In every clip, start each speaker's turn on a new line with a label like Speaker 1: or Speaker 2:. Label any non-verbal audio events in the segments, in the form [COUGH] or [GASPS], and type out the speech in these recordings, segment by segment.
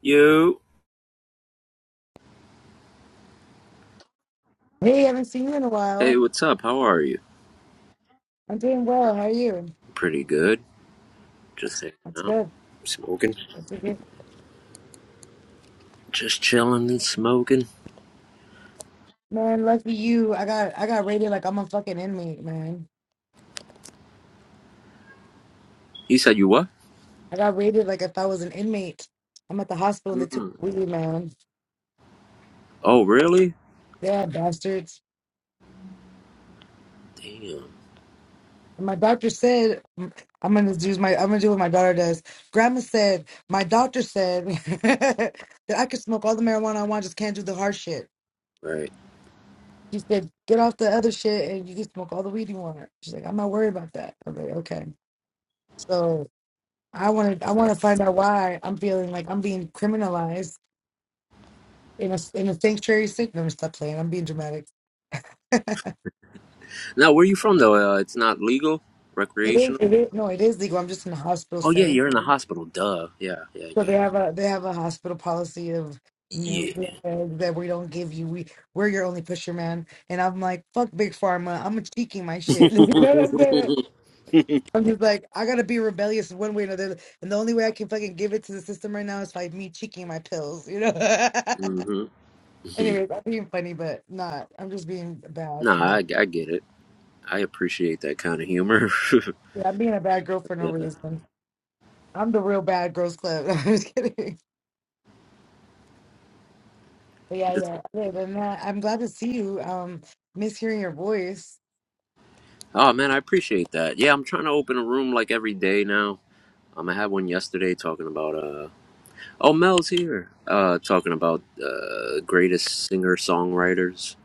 Speaker 1: Yo.
Speaker 2: Hey, haven't seen you in a
Speaker 1: Hey,
Speaker 2: while.
Speaker 1: what's up? How are you?
Speaker 2: I'm doing well. How are you?
Speaker 1: Pretty good. Just hanging
Speaker 2: That's
Speaker 1: out,
Speaker 2: good.
Speaker 1: smoking,
Speaker 2: That's a good.
Speaker 1: just chilling and smoking.
Speaker 2: Man, lucky you. I got I got rated like I'm a fucking inmate, man.
Speaker 1: You said you what?
Speaker 2: I got rated like if I was an inmate. I'm at the hospital and they took
Speaker 1: Mm.
Speaker 2: weed, man.
Speaker 1: Oh, really?
Speaker 2: Yeah, bastards.
Speaker 1: Damn.
Speaker 2: And my doctor said mm, I'm gonna do my I'm gonna do what my daughter does. Grandma said my doctor said [LAUGHS] that I could smoke all the marijuana I want, just can't do the hard shit.
Speaker 1: Right.
Speaker 2: She said, get off the other shit and you can smoke all the weed you want. She's like, I'm not worried about that. I'm like, okay. So. I want to. I want to find out why I'm feeling like I'm being criminalized in a in a sanctuary city. No, stop playing. I'm being dramatic.
Speaker 1: Now, where you from though? Uh, it's not legal,
Speaker 2: It is.
Speaker 1: recreational.
Speaker 2: It is. No, it is legal. I'm just in a hospital
Speaker 1: Oh yeah,
Speaker 2: setting.
Speaker 1: you're in the hospital. Duh. Yeah.
Speaker 2: So
Speaker 1: Yeah.
Speaker 2: they have a they have a hospital policy of no
Speaker 1: Yeah.
Speaker 2: drugs that we don't give you. We we're your only pusher man. And I'm like fuck big pharma. I'm cheeking my
Speaker 1: Yeah.
Speaker 2: shit. [LAUGHS] You know what I'm saying?
Speaker 1: [LAUGHS]
Speaker 2: I'm just like I gotta be rebellious one way or another. And the only way I can fucking give it to the system right now is by me cheeking my pills. You know. [LAUGHS]
Speaker 1: mm-hmm. hmm
Speaker 2: Anyways, I'm being funny, but not. I'm just being bad for
Speaker 1: Nah, I,
Speaker 2: no.
Speaker 1: I get it. I appreciate that kind of humor. [LAUGHS]
Speaker 2: Yeah, I'm being a bad girl for
Speaker 1: Uh,
Speaker 2: no
Speaker 1: I'm
Speaker 2: reason. I'm the real bad girls club. [LAUGHS] I'm just kidding. But yeah,
Speaker 1: just-
Speaker 2: yeah. Other than that, I'm glad to see you. Um, miss hearing your voice.
Speaker 1: oh man, I appreciate that. Yeah, I'm trying to open a room like every day now. Um, I had one yesterday talking about uh oh Mel's here uh talking about uh greatest singer songwriters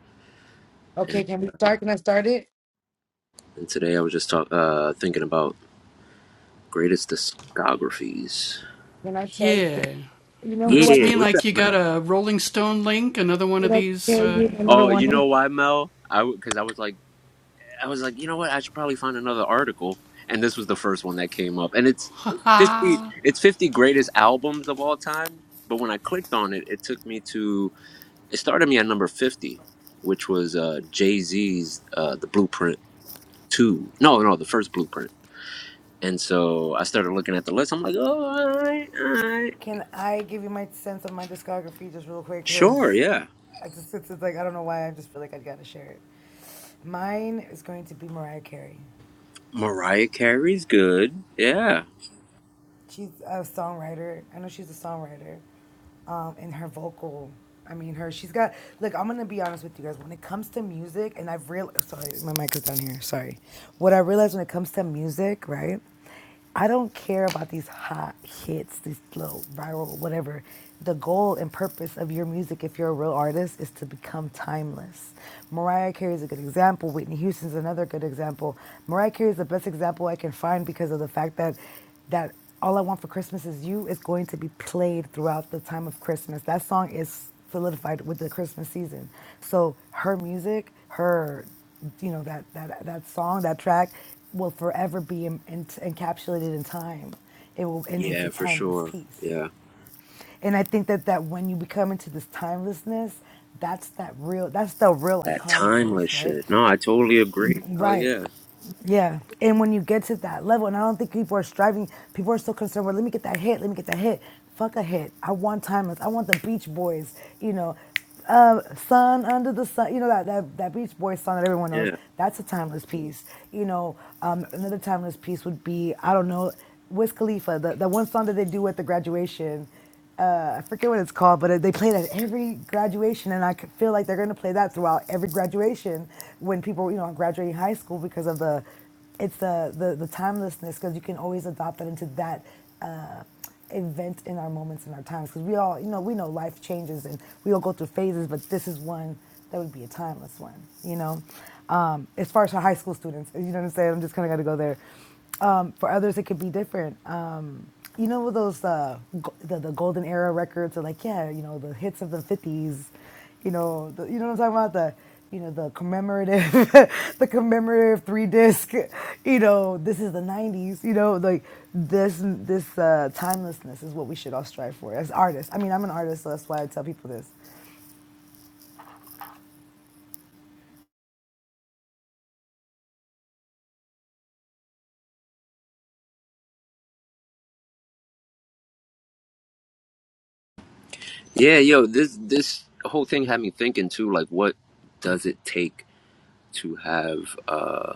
Speaker 2: Okay,
Speaker 1: and,
Speaker 2: can we start? Can I start it?
Speaker 1: and today I was just talk uh thinking about greatest discographies.
Speaker 2: Can I tell you? You know who I
Speaker 1: Yeah, what's up, Mel?
Speaker 2: can I tell you my number
Speaker 1: Oh, you know
Speaker 2: one?
Speaker 1: why, Mel? I because I was like I was like you know what I should probably find another article and this was the first one that came up and it's fifty it's fifty greatest albums of all time. But when I clicked on it, it took me to It started me at number 50, which was uh, Jay Z's uh, The Blueprint 2. No, no, the first Blueprint. And so I started looking at the list. I'm like, oh, all right, all right.
Speaker 2: Can I give you my sense of my discography just real quick?
Speaker 1: Sure,
Speaker 2: Cause
Speaker 1: yeah.
Speaker 2: I just it's, it's like I don't know why I just feel like I gotta share it. Mine is going to be Mariah Carey.
Speaker 1: Mariah Carey's good. Yeah.
Speaker 2: She's a songwriter. I know she's a songwriter. Um, and her vocal, I mean, her, she's got, look, I'm going to be honest with you guys. When it comes to music, and I've realized, sorry, my mic is down here, sorry. What I realized when it comes to music, right? I don't care about these hot hits, these little viral, whatever. The goal and purpose of your music, if you're a real artist, is to become timeless. Mariah Carey is a good example. Whitney Houston is another good example. Mariah Carey is the best example I can find because of the fact that that all I want for Christmas is you is going to be played throughout the time of Christmas. That song is solidified with the Christmas season. So her music, her, you know, that that that song, that track, will forever be in, in, encapsulated in time. It will, and it's a
Speaker 1: Yeah, for
Speaker 2: timeless
Speaker 1: sure.
Speaker 2: piece.
Speaker 1: Yeah.
Speaker 2: And I think that that when you become into this timelessness, that's that real. That's the real
Speaker 1: That timeless
Speaker 2: iconicness, right?
Speaker 1: shit. No, I totally agree. Oh,
Speaker 2: Right.
Speaker 1: yeah.
Speaker 2: Yeah. And when you get to that level, and I don't think people are striving, people are so concerned with, let me get that hit, let me get that hit. Fuck a hit. I want timeless. I want the Beach Boys, you know, uh, Sun Under the Sun, you know, that, that, that Beach Boys song that everyone knows.
Speaker 1: Yeah.
Speaker 2: That's a timeless piece. You know, um, another timeless piece would be, I don't know, Wiz Khalifa, the, the one song that they do at the graduation uh, I forget what it's called, but they play that every graduation, and I could feel like they're going to play that throughout every graduation when people, you know, are graduating high school because of the, it's the the, the timelessness because you can always adopt that into that. Uh, event in our moments in our times because we all you know we know life changes and we all go through phases but this is one that would be a timeless one you know um, as far as for high school students you know what i'm saying i'm just kind of got to go there um, for others, it could be different. Um, you know those uh, go- the, the golden era records are like, yeah, you know the hits of the fifties. You know, the, you know what I'm talking about the you know the commemorative [LAUGHS] the commemorative three disc. You know, this is the nineties. You know, like this this uh, timelessness is what we should all strive for as artists. I mean, I'm an artist, so that's why I tell people this.
Speaker 1: Yeah, yo, this this whole thing had me thinking too, like, what does it take to have uh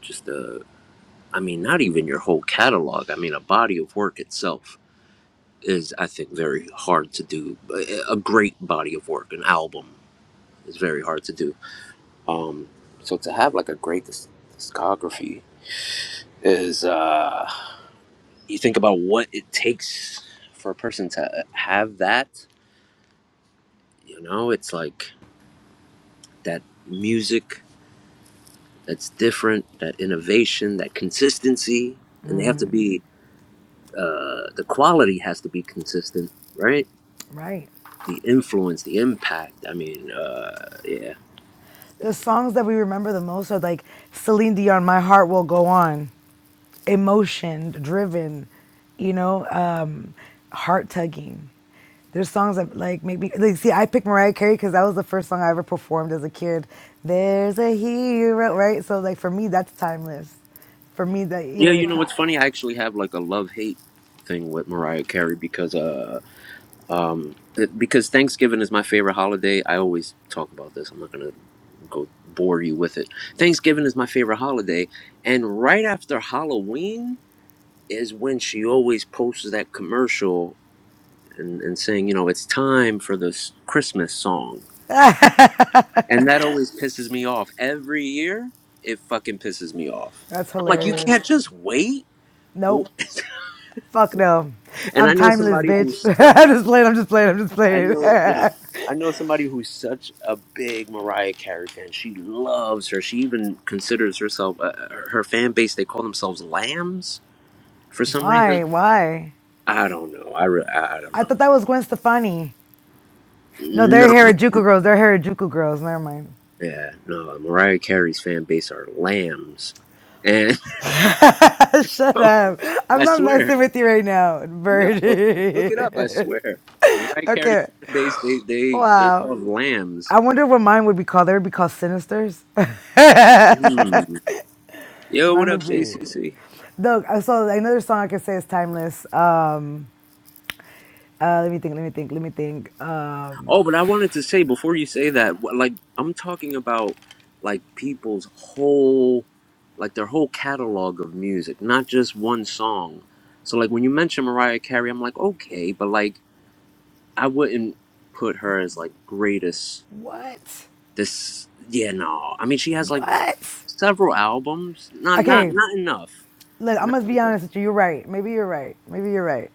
Speaker 1: just a I mean, not even your whole catalog. I mean, a body of work itself is, I think, very hard to do. A a great body of work, an album, is very hard to do. Um, so to have like a great dis- discography is, uh, you think about what it takes for a person to have that. You know, it's like that music that's different, that innovation, that consistency, and they have to be. Uh, the quality has to be consistent, right?
Speaker 2: Right.
Speaker 1: the influence, the impact. I mean, uh, yeah,
Speaker 2: The songs that we remember the most are like Celine Dion, "My Heart Will Go On." emotion driven, you know, um, heart tugging. There's songs that like maybe like see I picked Mariah Carey because that was the first song I ever performed as a kid. There's a hero, right? So like for me that's timeless. For me that you
Speaker 1: yeah.
Speaker 2: know
Speaker 1: You
Speaker 2: like,
Speaker 1: know what's funny? I actually have like a love hate thing with Mariah Carey because, uh, um, it- because Thanksgiving is my favorite holiday. I always talk about this. I'm not gonna go bore you with it. Thanksgiving is my favorite holiday, and right after Halloween is when she always posts that commercial and, and saying, you know, it's time for this Christmas song And that always pisses me off. Every year, it fucking pisses me off.
Speaker 2: that's
Speaker 1: I'm like, you
Speaker 2: hilarious.
Speaker 1: can't just wait. [LAUGHS]
Speaker 2: Nope,
Speaker 1: and
Speaker 2: fuck no,
Speaker 1: I
Speaker 2: I'm
Speaker 1: know
Speaker 2: timeless,
Speaker 1: somebody
Speaker 2: bitch.
Speaker 1: who's such,
Speaker 2: [LAUGHS] I'm just playing. I'm just playing. I'm just
Speaker 1: I
Speaker 2: playing.
Speaker 1: know, nah, I know somebody who's such a big Mariah Carey fan. She loves her. She even considers herself, uh, her fan base, they call themselves lambs for
Speaker 2: [LAUGHS]
Speaker 1: some reason.
Speaker 2: Why? Why?
Speaker 1: I don't know. I, re- I I don't
Speaker 2: I
Speaker 1: know.
Speaker 2: thought that was Gwen Stefani. No, they're
Speaker 1: No.
Speaker 2: Harajuku girls. They're Harajuku girls. Never mind.
Speaker 1: Yeah, no. Mariah Carey's fan base are lambs. And
Speaker 2: [LAUGHS]
Speaker 1: [LAUGHS]
Speaker 2: Shut
Speaker 1: so,
Speaker 2: up.
Speaker 1: I
Speaker 2: I'm not
Speaker 1: swear.
Speaker 2: messing with you right now,
Speaker 1: No, look it up. I
Speaker 2: Birdie.
Speaker 1: swear, Mariah
Speaker 2: [LAUGHS]
Speaker 1: Carey
Speaker 2: okay.
Speaker 1: fan base. They they they're
Speaker 2: Wow.
Speaker 1: called lambs.
Speaker 2: I wonder what mine would be called. They would be called Sinisters. [LAUGHS]
Speaker 1: Hmm. Yo, what
Speaker 2: mine
Speaker 1: up,
Speaker 2: would be.
Speaker 1: JCC?
Speaker 2: Look, I saw another song I could say is timeless. Um, uh, let me think, let me think, let me think. Um,
Speaker 1: Oh, but I wanted to say before you say that, wh- like I'm talking about like people's whole, like their whole catalog of music, not just one song. So like when you mention Mariah Carey, I'm like okay, but like I wouldn't put her as like greatest.
Speaker 2: what?
Speaker 1: This yeah no, I mean she has like
Speaker 2: What?
Speaker 1: several albums, not not
Speaker 2: Okay.
Speaker 1: not enough.
Speaker 2: Look, I
Speaker 1: No,
Speaker 2: must be
Speaker 1: no.
Speaker 2: honest with you. You're right. Maybe you're right. Maybe you're right.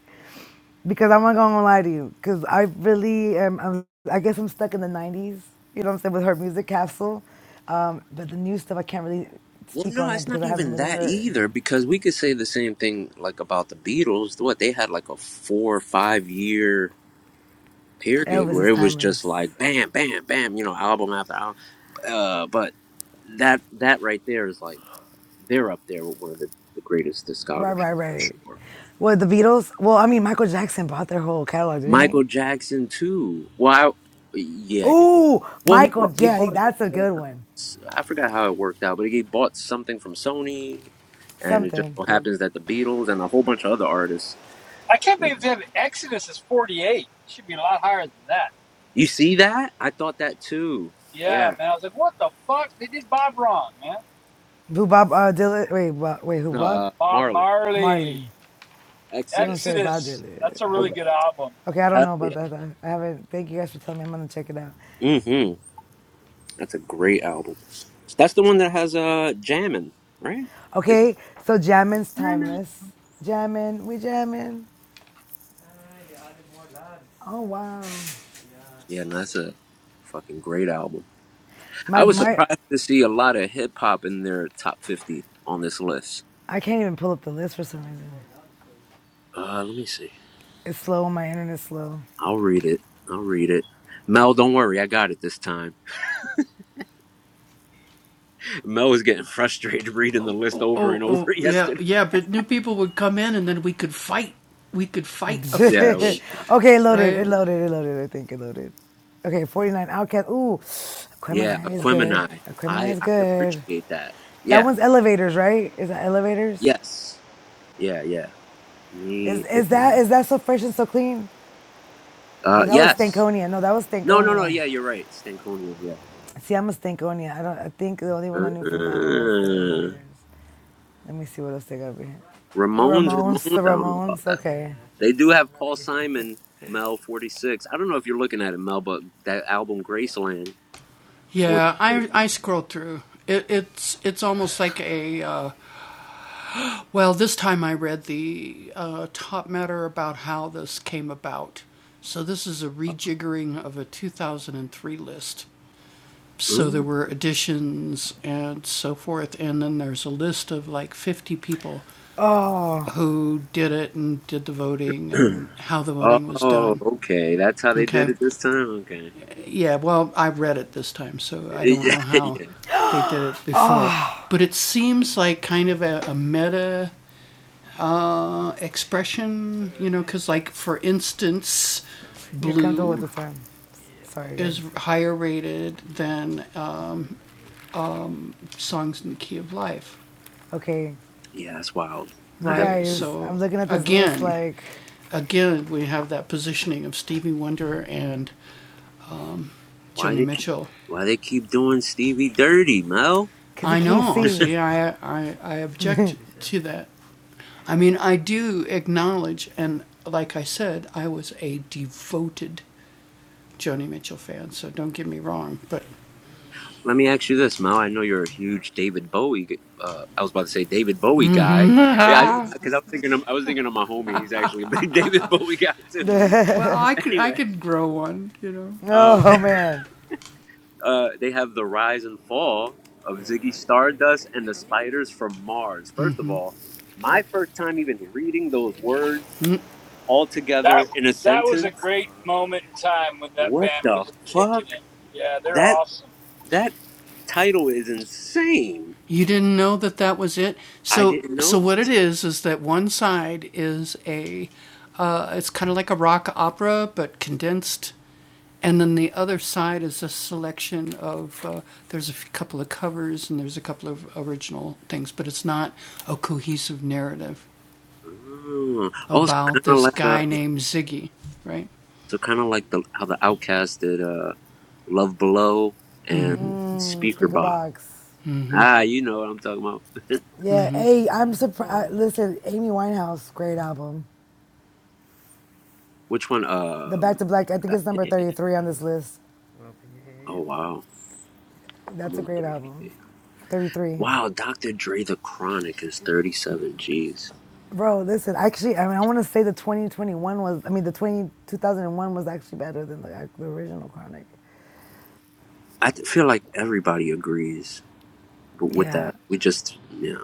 Speaker 2: because I'm not gonna lie to you, because I really am. I'm, I guess I'm stuck in the '90s. You know what I'm saying with her music capsule, um, but the new stuff I can't really
Speaker 1: Well,
Speaker 2: speak on
Speaker 1: no,
Speaker 2: that
Speaker 1: it's
Speaker 2: because
Speaker 1: not
Speaker 2: I haven't
Speaker 1: even
Speaker 2: really
Speaker 1: that
Speaker 2: heard.
Speaker 1: either because we could say the same thing like about the Beatles. What they had like a four or five year period
Speaker 2: Elvis
Speaker 1: where
Speaker 2: is
Speaker 1: it was just
Speaker 2: timeless.
Speaker 1: like bam, bam, bam, you know, album after album. Uh, but that that right there is like they're up there with one of the, the greatest
Speaker 2: Right,
Speaker 1: discographies
Speaker 2: right,
Speaker 1: for
Speaker 2: right.
Speaker 1: sure.
Speaker 2: What the Beatles? Well, I mean Michael Jackson bought their whole catalog, didn't
Speaker 1: Michael
Speaker 2: he?
Speaker 1: Jackson too. Well, I, yeah, yeah.
Speaker 2: Ooh,
Speaker 1: Well, he
Speaker 2: Michael.
Speaker 1: bought, he
Speaker 2: Yeah,
Speaker 1: bought.
Speaker 2: that's a
Speaker 1: Uh,
Speaker 2: good one.
Speaker 1: I forgot how it worked out, but he bought something from Sony and it just
Speaker 2: Something.
Speaker 1: so happens that the Beatles and a whole bunch of other artists.
Speaker 3: I can't believe they have Exodus is 48. It should be a lot higher than that.
Speaker 1: You see that? I thought that too.
Speaker 3: Yeah,
Speaker 1: Yeah.
Speaker 3: man. I was like, what the fuck? They did Bob wrong, man.
Speaker 2: Who Bob uh, Dylan? Wait, Bob, wait, who
Speaker 1: No,
Speaker 2: Bob?
Speaker 1: uh,
Speaker 3: Bob
Speaker 1: Marley,
Speaker 3: Marley,
Speaker 2: Marley. I was gonna
Speaker 1: Exodus.
Speaker 2: say Bob
Speaker 3: Exodus. That's a
Speaker 2: Dylan.
Speaker 1: Love
Speaker 3: really
Speaker 1: that.
Speaker 3: good album.
Speaker 2: Okay, I don't
Speaker 1: Hell
Speaker 2: know about
Speaker 1: yeah.
Speaker 2: that. I haven't. Thank you guys for telling me. I'm gonna check it out.
Speaker 1: Mm-hmm. That's a great album. That's the one that has uh Jammin', right? Is it
Speaker 2: Okay, so jammin's
Speaker 1: Jammin'?
Speaker 2: timeless. Jammin', we jammin'. Oh wow.
Speaker 1: Yeah, no, that's a fucking great album. I
Speaker 2: My
Speaker 1: was
Speaker 2: my,
Speaker 1: surprised to see a lot of hip hop in their top fifty on this list.
Speaker 2: I can't even pull up the list for some reason.
Speaker 1: Uh, let me see.
Speaker 2: It's slow. My internet's slow.
Speaker 1: I'll read it. I'll read it. Mel, don't worry, I got it this time. Mel was getting frustrated [LAUGHS] reading the list over and over [LAUGHS] yesterday.
Speaker 2: [LAUGHS]
Speaker 1: Yeah, it
Speaker 2: okay,
Speaker 1: was-
Speaker 2: it loaded. It loaded. It loaded. I think it loaded. Okay, 49 Outcast. Ooh,
Speaker 1: [LAUGHS] yeah,
Speaker 2: Aquemini is good.
Speaker 1: Aquemini.
Speaker 2: Aquemini
Speaker 1: I
Speaker 2: is
Speaker 1: I
Speaker 2: good.
Speaker 1: appreciate that.
Speaker 2: That
Speaker 1: Yeah.
Speaker 2: one's elevators, right? Is that elevators?
Speaker 1: Yes. Yeah. Yeah.
Speaker 2: Is
Speaker 1: Me.
Speaker 2: is that is that so fresh and so clean?
Speaker 1: Uh.
Speaker 2: No, that was
Speaker 1: Yes.
Speaker 2: Stankonia. No, that was
Speaker 1: No. No. No.
Speaker 2: Stankonia.
Speaker 1: Yeah. You're right. Stankonia. Yeah.
Speaker 2: See, I'm a Stankonia. I don't. I think the only one I knew from that one was the
Speaker 1: Uh,
Speaker 2: elevators. Let me see what else they got over here. The
Speaker 1: Ramones.
Speaker 2: Ramones.
Speaker 1: Ramones.
Speaker 2: The
Speaker 1: I don't know about
Speaker 2: Ramones.
Speaker 1: that.
Speaker 2: Okay.
Speaker 1: They do have Paul Simon. Mel 46. I don't know if you're looking at it, Mel, but that album Graceland 46.
Speaker 2: Oh,
Speaker 1: [CLEARS THROAT] Oh, okay. That's how they did it this time. Okay. yeah, [LAUGHS] yeah,
Speaker 2: you're comfortable with the time. Sorry, guys. Okay,
Speaker 1: yeah. That's wild. I
Speaker 2: you
Speaker 1: have
Speaker 2: guys. I'm looking at this list like,
Speaker 1: why they keep why they keep doing Stevie dirty, Mel.
Speaker 2: cause he can't see.
Speaker 1: Let me ask you this, Mel. I know you're a huge David Bowie. Uh, I was about to say David Bowie guy. Yeah, because I, 'cause I was thinking of, I was thinking of my homie. He's actually a big [LAUGHS] David Bowie guy too.
Speaker 2: [LAUGHS]
Speaker 1: Anyway, um,
Speaker 2: oh man.
Speaker 1: [LAUGHS] uh, they have the rise and fall of Ziggy Stardust and the spiders from Mars. First of all, my first time even reading those words all
Speaker 3: That
Speaker 1: together in a
Speaker 3: that was a
Speaker 1: sentence.
Speaker 3: great moment in time when that
Speaker 1: What
Speaker 3: band
Speaker 1: the
Speaker 3: was kicking
Speaker 1: fuck?
Speaker 3: it. Yeah, they're
Speaker 1: That
Speaker 3: awesome.
Speaker 1: that title is insane. I didn't know this. Oh, oh so kind of like a, so kind of like the how the Outcast did uh, "Love Below" and
Speaker 2: Mm,
Speaker 1: "Speaker
Speaker 2: speaker
Speaker 1: Box."
Speaker 2: box.
Speaker 1: Ah, you know what I'm talking about.
Speaker 2: Yeah. Hey, I'm surprised. Listen, Amy Winehouse, great album.
Speaker 1: Which one?
Speaker 2: The Back
Speaker 1: Um,
Speaker 2: to Black. I think it's number
Speaker 1: Batman.
Speaker 2: 33 on this list.
Speaker 1: Oh wow, I'm
Speaker 2: That's a
Speaker 1: on
Speaker 2: great
Speaker 1: thirty.
Speaker 2: album. 33.
Speaker 1: Wow, Dr. Dre the Chronic is 37 G's.
Speaker 2: Bro, listen, actually, I mean, I want to say the 2021 was, I mean, the 20, two thousand one was actually better than the, the original Chronic.
Speaker 1: I th- feel like everybody agrees, but with that,
Speaker 2: Yeah.
Speaker 1: we just yeah,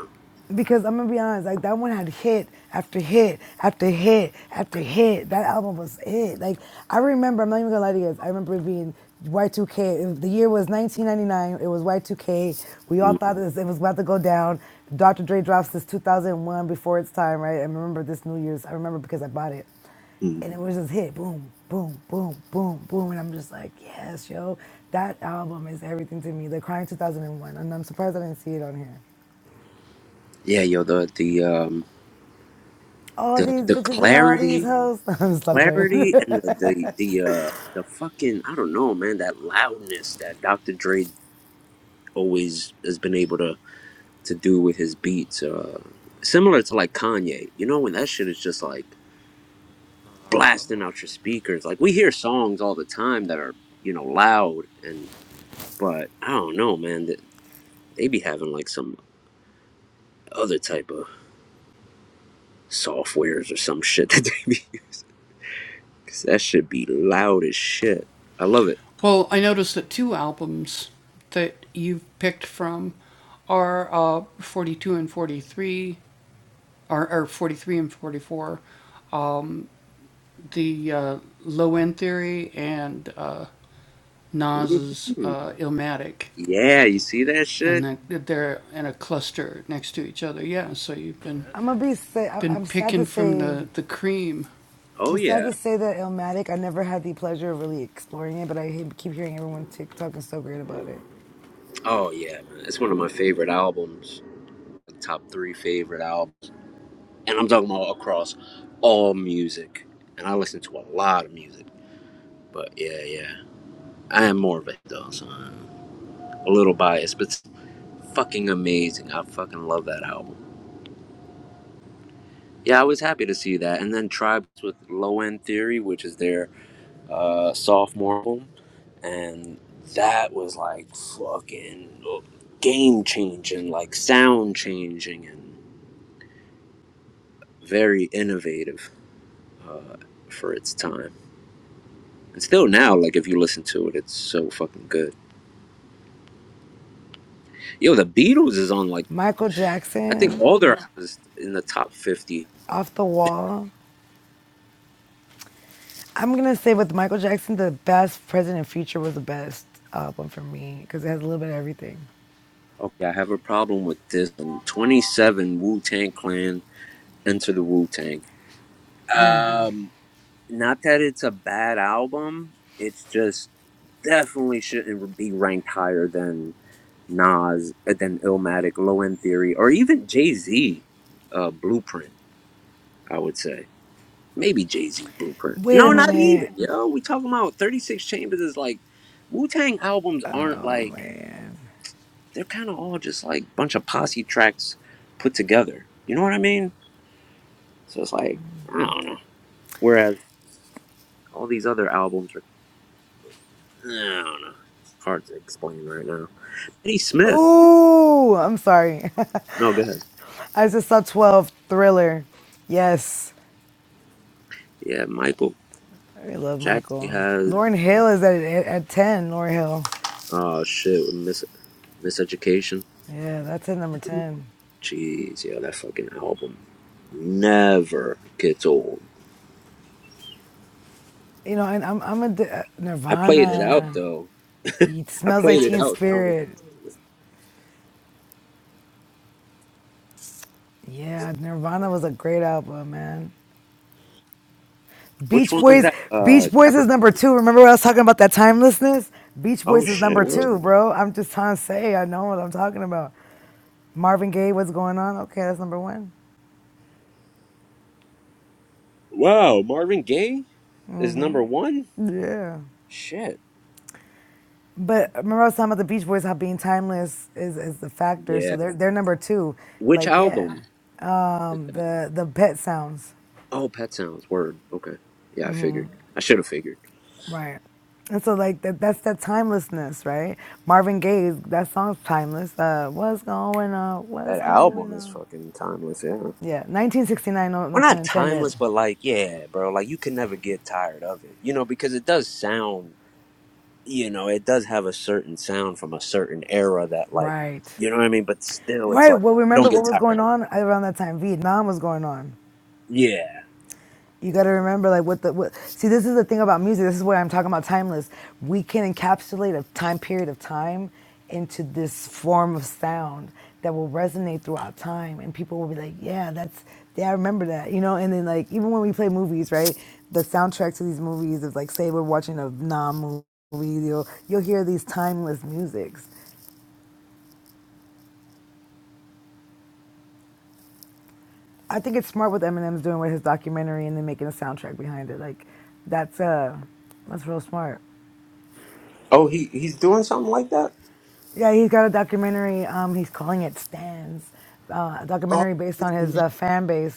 Speaker 2: because I'm gonna be honest, like that one had hit after hit after hit after hit. That album was it. Like I remember, I'm not even gonna lie to you guys. I remember it being Y2K. The year was 1999. It was Y2K. We all
Speaker 1: mm
Speaker 2: thought this it was about to go down. Dr. Dre drops this 2001 before its time, right? I remember this New Year's. I remember because I bought it
Speaker 1: mm.
Speaker 2: and it was just hit boom boom boom boom boom and i'm just like yes yo that album is everything to me the crying 2001 and i'm surprised i didn't see it on here
Speaker 1: yeah, yo, the the um.
Speaker 2: all
Speaker 1: the
Speaker 2: these
Speaker 1: the
Speaker 2: bitches and all these
Speaker 1: clarity,
Speaker 2: hoes. [LAUGHS] I'm stop playing. [LAUGHS]
Speaker 1: clarity, and the the the uh the fucking I don't know, man. That loudness that Dr. Dre always has been able to to do with his beats, uh, similar to like Kanye. You know, when that shit is just like blasting out your speakers. Like we hear songs all the time that are you know loud and but I don't know, man. That they be having like some other type of softwares or some shit [LAUGHS] that they be. [LAUGHS] 'Cause that should be loud as shit. I love it. Mhm. Yeah, you see that shit?
Speaker 2: I'm gonna be sad. I- am sad to say.
Speaker 1: Oh
Speaker 2: I'm sad
Speaker 1: yeah.
Speaker 2: to say that Illmatic. I never had the pleasure of really exploring it, but I keep hearing everyone TikTok talking so great about it.
Speaker 1: Oh yeah, man. It's one of my favorite albums. Top three favorite albums. And I'm talking about across all music. And I listen to a lot of music. But yeah, yeah. I am more of a though, so I'm a little biased, but it's fucking amazing. I fucking love that album. Yeah, I was happy to see that. And then Tribes with Low End Theory, which is their uh, sophomore album. and that was like fucking game changing, like sound changing, and very innovative uh, for its time. And still now, like if you listen to it, it's so fucking good. Yo, the Beatles is on like
Speaker 2: Michael
Speaker 1: I think all
Speaker 2: Jackson,
Speaker 1: their albums in the top fifty.
Speaker 2: off the wall. I'm gonna say with Michael Jackson, the best present and future was the best album for me because it has a little bit of everything.
Speaker 1: Okay, I have a problem with this. Um, Twenty seven Wu Tang Clan Enter the Wu Tang. Um. not that it's a bad album. It's just definitely shouldn't be ranked higher than Nas, uh, than Illmatic, Low End Theory, or even Jay Z uh, Blueprint. I would say maybe Jay Z Blueprint.
Speaker 2: Wait a
Speaker 1: No, not even.
Speaker 2: minute.
Speaker 1: Yo, we talking about Thirty Six Chambers is like Wu Tang albums aren't
Speaker 2: Oh
Speaker 1: like
Speaker 2: man.
Speaker 1: they're kind of all just like bunch of posse tracks put together. You know what I mean? So it's like I don't know. Whereas all these other albums are. I don't know. It's hard to explain right now. Eddie Smith.
Speaker 2: Ooh, I'm sorry.
Speaker 1: No, go ahead.
Speaker 2: [LAUGHS] I just saw 12 Thriller. Yes.
Speaker 1: Yeah, Michael
Speaker 2: I love
Speaker 1: Jackson
Speaker 2: Michael.
Speaker 1: has.
Speaker 2: Lauren Hill is at at, ten. Lauren Hill.
Speaker 1: Oh shit, with mis- miseducation.
Speaker 2: Yeah, that's at number ten.
Speaker 1: Jeez, yeah, that fucking album never gets old.
Speaker 2: You know, and I'm I'm a a
Speaker 1: I played it out
Speaker 2: Nirvana.
Speaker 1: though.
Speaker 2: He
Speaker 1: I
Speaker 2: smells like
Speaker 1: played it
Speaker 2: Teen
Speaker 1: out. so I don't even
Speaker 2: Spirit.
Speaker 1: listen to it.
Speaker 2: Yeah, Nirvana was a great album, man.
Speaker 1: Which
Speaker 2: Beach
Speaker 1: one was
Speaker 2: Boys.
Speaker 1: that? Uh,
Speaker 2: Beach Boys
Speaker 1: never.
Speaker 2: is number two. Remember what I was talking about that timelessness? Beach
Speaker 1: Oh
Speaker 2: Boys is
Speaker 1: shit!
Speaker 2: number
Speaker 1: What?
Speaker 2: two, bro. I'm just trying to say I know what I'm talking about. Marvin Gaye, what's going on? Okay, that's number one.
Speaker 1: Wow, Marvin Gaye is number one.
Speaker 2: Yeah.
Speaker 1: Shit.
Speaker 2: But remember, I was talking about the Beach Boys how being timeless is is the factor. So
Speaker 1: Yeah.
Speaker 2: they're they're number two.
Speaker 1: Which
Speaker 2: Like yeah,
Speaker 1: album?
Speaker 2: um, the the pet sounds
Speaker 1: Oh, Pet Sounds. Word. Okay. Yeah, I figured. I should have figured.
Speaker 2: right. And so like that that's that timelessness, right? Marvin Gaye, that song's timeless. Uh, what's going on? What's
Speaker 1: That album
Speaker 2: going
Speaker 1: is
Speaker 2: on?
Speaker 1: fucking timeless, yeah. Well,
Speaker 2: Yeah, 1969. No, no pun
Speaker 1: not
Speaker 2: intended.
Speaker 1: timeless, but like, yeah, bro. Like, you can never get tired of it, you know, because it does sound, you know, it does have a certain sound from a certain era that, like,
Speaker 2: Right.
Speaker 1: you know what I mean. But still, it's
Speaker 2: Right.
Speaker 1: like
Speaker 2: Well,
Speaker 1: you don't
Speaker 2: remember what
Speaker 1: get
Speaker 2: was
Speaker 1: tired
Speaker 2: going
Speaker 1: of. It.
Speaker 2: on around that time? Vietnam was going on.
Speaker 1: Yeah.
Speaker 2: You got to remember, like, what the what, see. This is the thing about music. This is where I'm talking about timeless. We can encapsulate a time period of time into this form of sound that will resonate throughout time, and people will be like, "Yeah, that's yeah, I remember that," you know. And then, like, even when we play movies, right? The soundtrack to these movies is like, say, we're watching a non movie, you'll you'll hear these timeless musics. I think it's smart what Eminem's doing with his documentary and then making a soundtrack behind it. Like, that's uh, that's real smart.
Speaker 1: Oh, he he's doing something like that.
Speaker 2: Yeah, he's got a documentary. Um, he's calling it Stands, uh, a
Speaker 1: Oh,
Speaker 2: documentary based on his
Speaker 1: yeah.
Speaker 2: uh, fan base.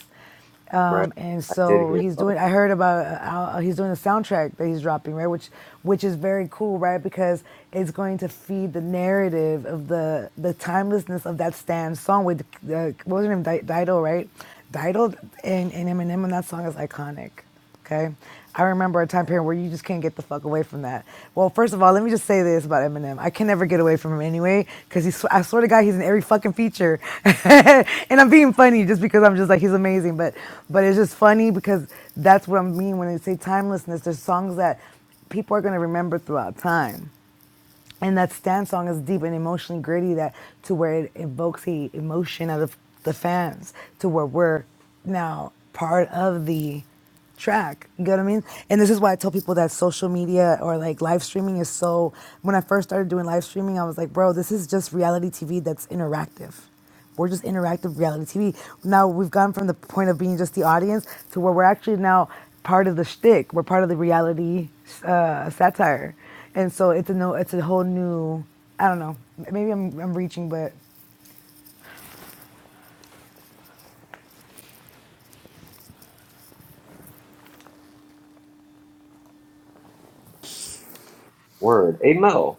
Speaker 1: right.
Speaker 2: Um, and
Speaker 1: I did
Speaker 2: so
Speaker 1: hear.
Speaker 2: he's
Speaker 1: A
Speaker 2: doing. I heard about uh, how- he's doing a soundtrack that he's dropping, right? Which which is very cool, right? Because it's going to feed the narrative of the the timelessness of that Stan song with uh, what was her name, Di- Dido, right? Dido and, and Eminem on that song is iconic. Okay. I remember a time period where you just can't get the fuck away from that. Well, first of all, let me just say this about Eminem. I can never get away from him anyway, because he's, I swear to God, he's in every fucking feature. [LAUGHS] and I'm being funny just because I'm just like, he's amazing. But, but it's just funny because that's what I mean when I say timelessness. There's songs that people are going to remember throughout time and that stand song is deep and emotionally gritty that to where it evokes the emotion of the, the fans to where we're now part of the track you get what i mean and this is why i tell people that social media or like live streaming is so when i first started doing live streaming i was like bro this is just reality tv that's interactive we're just interactive reality TV. Now we've gone from the point of being just the audience to where we're actually now part of the shtick. We're part of the reality uh, satire, and so it's a no, it's a whole new. I don't know. Maybe I'm I'm reaching, but
Speaker 1: word. Hey, Mel.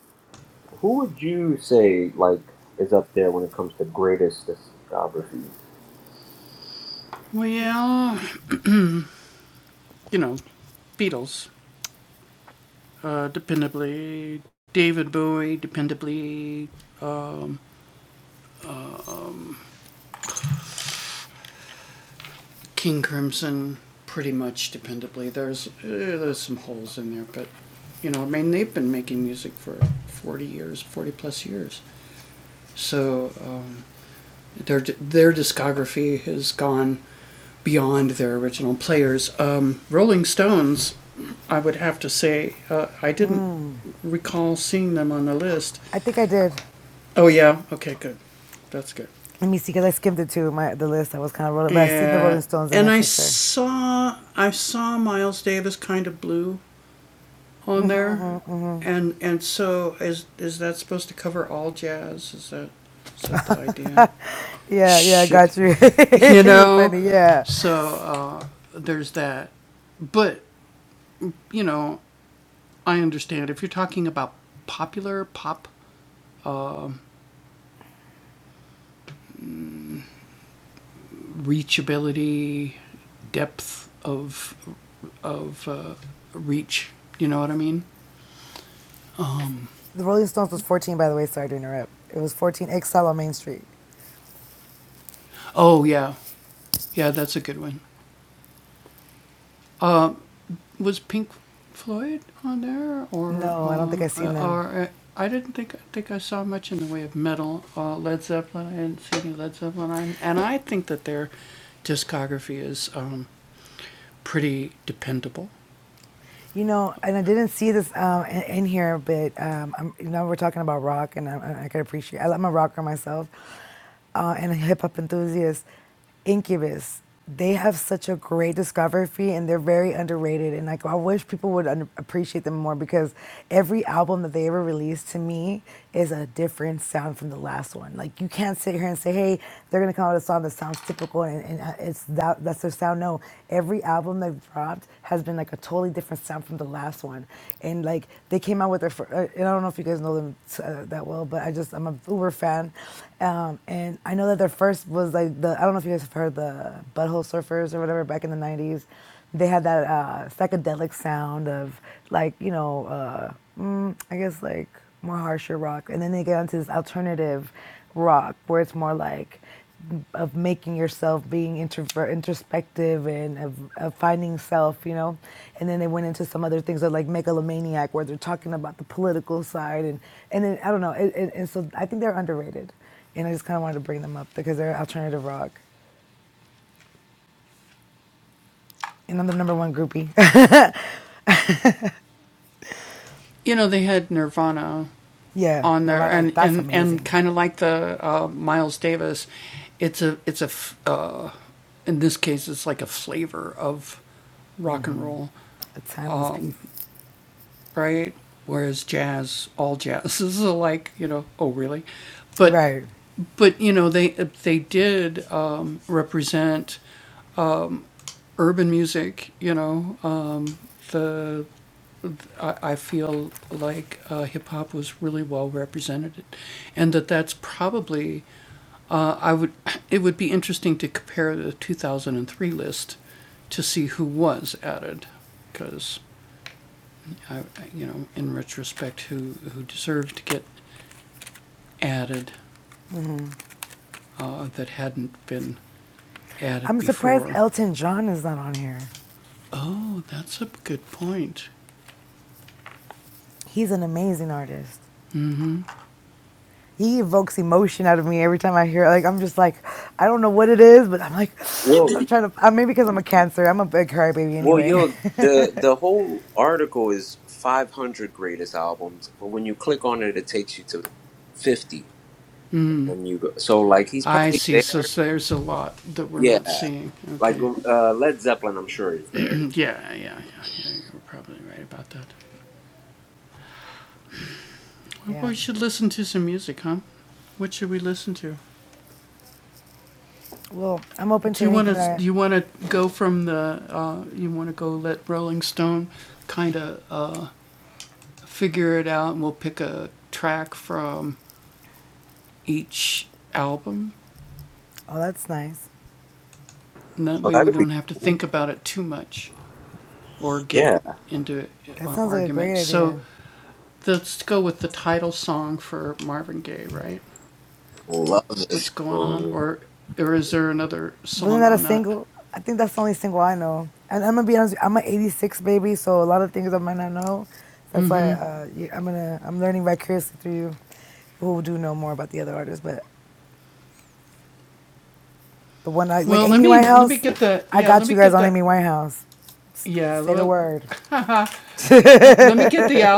Speaker 1: Who would you say like is up there when it comes to greatest discographies?
Speaker 2: I think I did. Let me see, because I skimmed it too. My the list I was kind of rolling, but I seen the Rolling Stones in there for sure. Yeah, yeah, I got you. [LAUGHS] You're funny. Yeah, the Rolling Stones was 14, by the way. Sorry to interrupt. It was 14 Exile on Main Street. No, I don't think I seen them. You know, and I didn't see this um, in, in here, but um, I'm, you know, we're talking about rock, and I, I can appreciate. I'm a rocker myself, uh, and a hip hop enthusiast. Incubus, they have such a great discography, and they're very underrated. And like, I wish people would under- appreciate them more because every album that they ever released to me is a different sound from the last one. Like, you can't sit here and say, "Hey, they're gonna come out with a song that sounds typical," and, and uh, it's that that's their sound. No, Every album they've dropped has been like a totally different sound from the last one. And like they came out with their, first. and I don't know if you guys know them uh, that well, but I just, I'm a uber fan. Um, and I know that their first was like the, I don't know if you guys have heard the Butthole Surfers or whatever back in the 90s. They had that uh, psychedelic sound of like, you know, uh, mm, I guess like more harsher rock, and then they get onto this alternative rock where it's more like of making yourself being introvert introspective and of, of finding self you know and then they went into some other things that like megalomaniac where they're talking about the political side and and then i don't know and, and, and so i think they're underrated and i just kind of wanted to bring them up because they're alternative rock and i'm the number one groupie [LAUGHS] yeah nirvana that's amazing a timeless piece right i'm surprised elton john is not on here he's an amazing artist He evokes emotion out of me every time I hear it. Like, I'm just like, I don't know what it is, but I'm like,
Speaker 1: Whoa.
Speaker 2: [GASPS] I'm trying to, uh, maybe because I'm a cancer. I'm a big crybaby
Speaker 1: Well,
Speaker 2: anyway.
Speaker 1: yo, the the whole article is 500 greatest albums, but when you click on it, it takes you to 50, and you go. So, like, he's probably there. Yeah, like uh, Led Zeppelin, I'm sure is there.
Speaker 2: [LAUGHS] yeah. Well, I'm open to anything that I, oh, that's nice.
Speaker 1: Oh, that'd be cool. Yeah,
Speaker 2: That sounds like a great idea.
Speaker 1: love this song.
Speaker 2: Wasn't that a single? I think that's the only single I know. And I'm gonna be honest, I'm an 86 baby, so a lot of things I might not know. That's why uh, yeah, I'm gonna, I'm learning vicariously through you who do know more about the other artists, but The one I like, Amy Winehouse. I got you guys on Amy Winehouse. S- Say the word. [LAUGHS]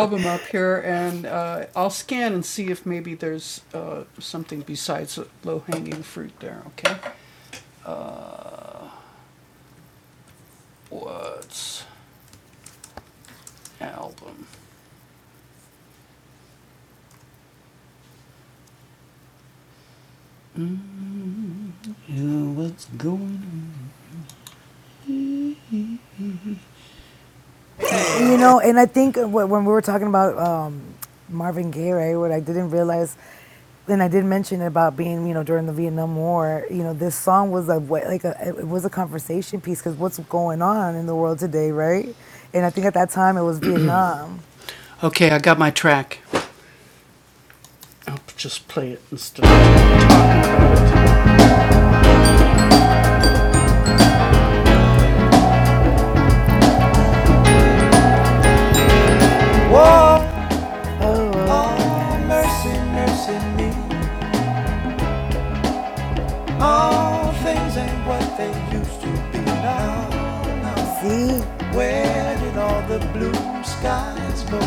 Speaker 2: And you know, and I think wh- when we were talking about um, Marvin Gaye, right, what I didn't realize, and I did mention about being, you know, during the Vietnam War, you know, this song was a wa- like a it was a conversation piece because what's going on in the world today, right? And I think at that time it was Vietnam.
Speaker 4: Whoa,
Speaker 2: Oh, oh, oh,
Speaker 4: oh, mercy,
Speaker 2: yes.
Speaker 4: mercy me. All things ain't what they used to be now. now.
Speaker 2: See,
Speaker 4: Where did all the blue skies go?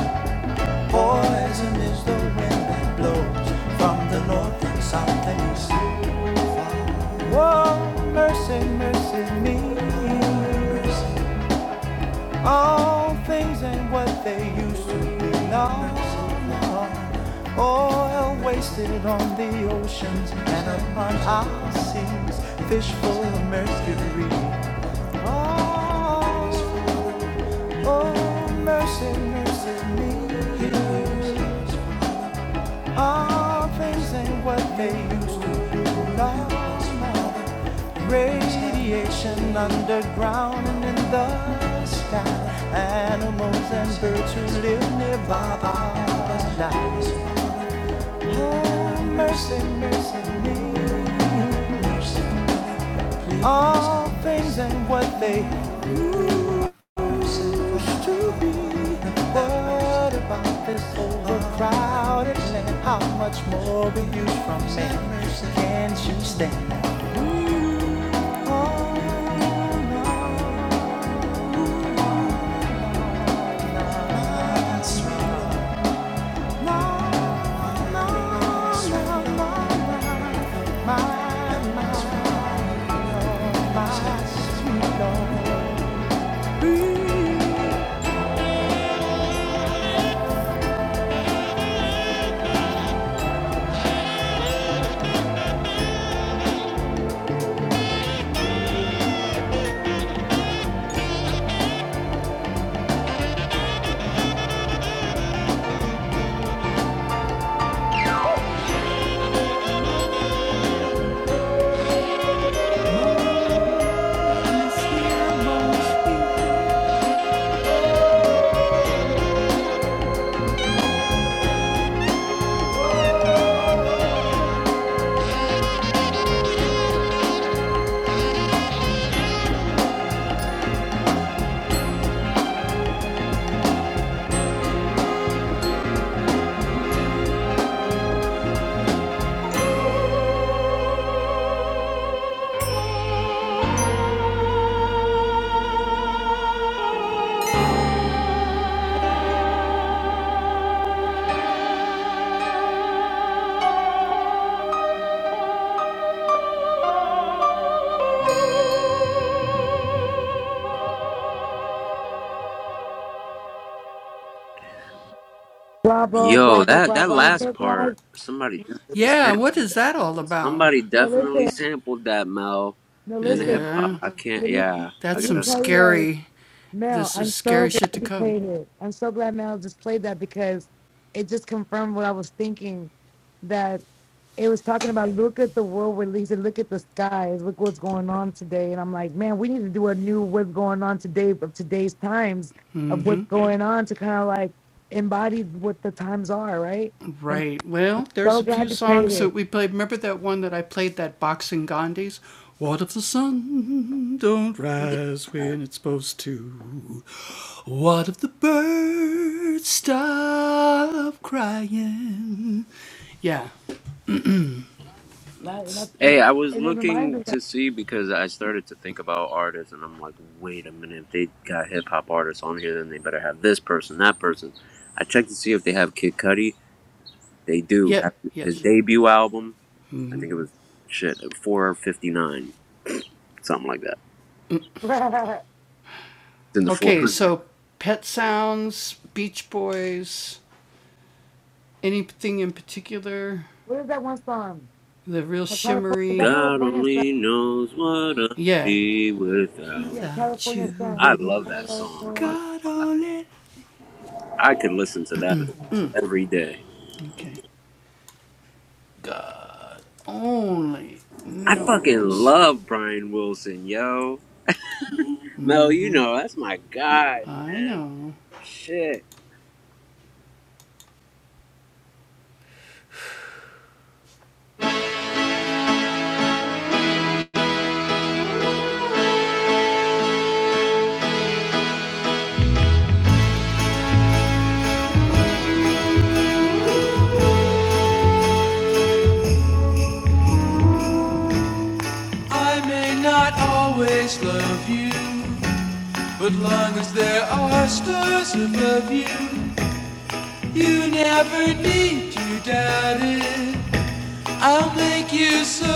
Speaker 4: Poison is the wind that blows from the north and south and east. Whoa, mercy, mercy me. All things ain't what they used to be. No, no. Oil wasted on the oceans and upon our seas. Fish full of mercury. Oh, oh mercy, mercy me. All things ain't what they used to be. Love's mother, radiation underground and in the sky. Animals and birds who live nearby are nice. Oh, mercy, mercy me. All things ain't what they used to do supposed to be? What about this overcrowded land? How much more will you from me? Can't you stand that? Oh, no, no, no, no, no. My, my, oh, my sweet Lord. Please.
Speaker 2: bravo,
Speaker 1: Yo,
Speaker 2: bravo,
Speaker 1: that that
Speaker 2: bravo. I'm
Speaker 1: last
Speaker 2: just like,
Speaker 1: part, somebody definitely sampled that. Somebody
Speaker 2: no, listen.
Speaker 1: definitely sampled that Mel
Speaker 2: No,
Speaker 1: and hip
Speaker 2: listen.
Speaker 1: hop. I can't.
Speaker 2: Let me
Speaker 1: Yeah, I
Speaker 2: let me
Speaker 1: gotta.
Speaker 2: tell you guys, Mel. I'm so glad you played it. I'm so glad Mel just played that because it just confirmed what I was thinking. That it was talking about look at the world where he said, look at the skies, look what's going on today. And I'm like, man, we need to do a new what's going on today of today's times of what's going on to kind of like embody what the times are, right? And so, and
Speaker 1: Yeah. Hey, I was looking to see because I started to think about artists, and I'm like, wait a minute, if they got hip hop artists on here, then they better have this person, that person. I checked to see if they have Kid Cudi. They do have his debut album. I think it was shit, 459, something like that. It's in the 400.
Speaker 2: what is that one song? Is that
Speaker 1: God
Speaker 2: California sun?
Speaker 1: only knows what I'd be
Speaker 2: Yeah,
Speaker 1: without.
Speaker 2: California sun.
Speaker 1: I love that song. I, I could listen to that every day. I fucking love Brian Wilson, yo. Mel, you know, that's my guy, man. Shit.
Speaker 4: I may not always love you, but long as there are stars above you, you never need to doubt it. I'll make you so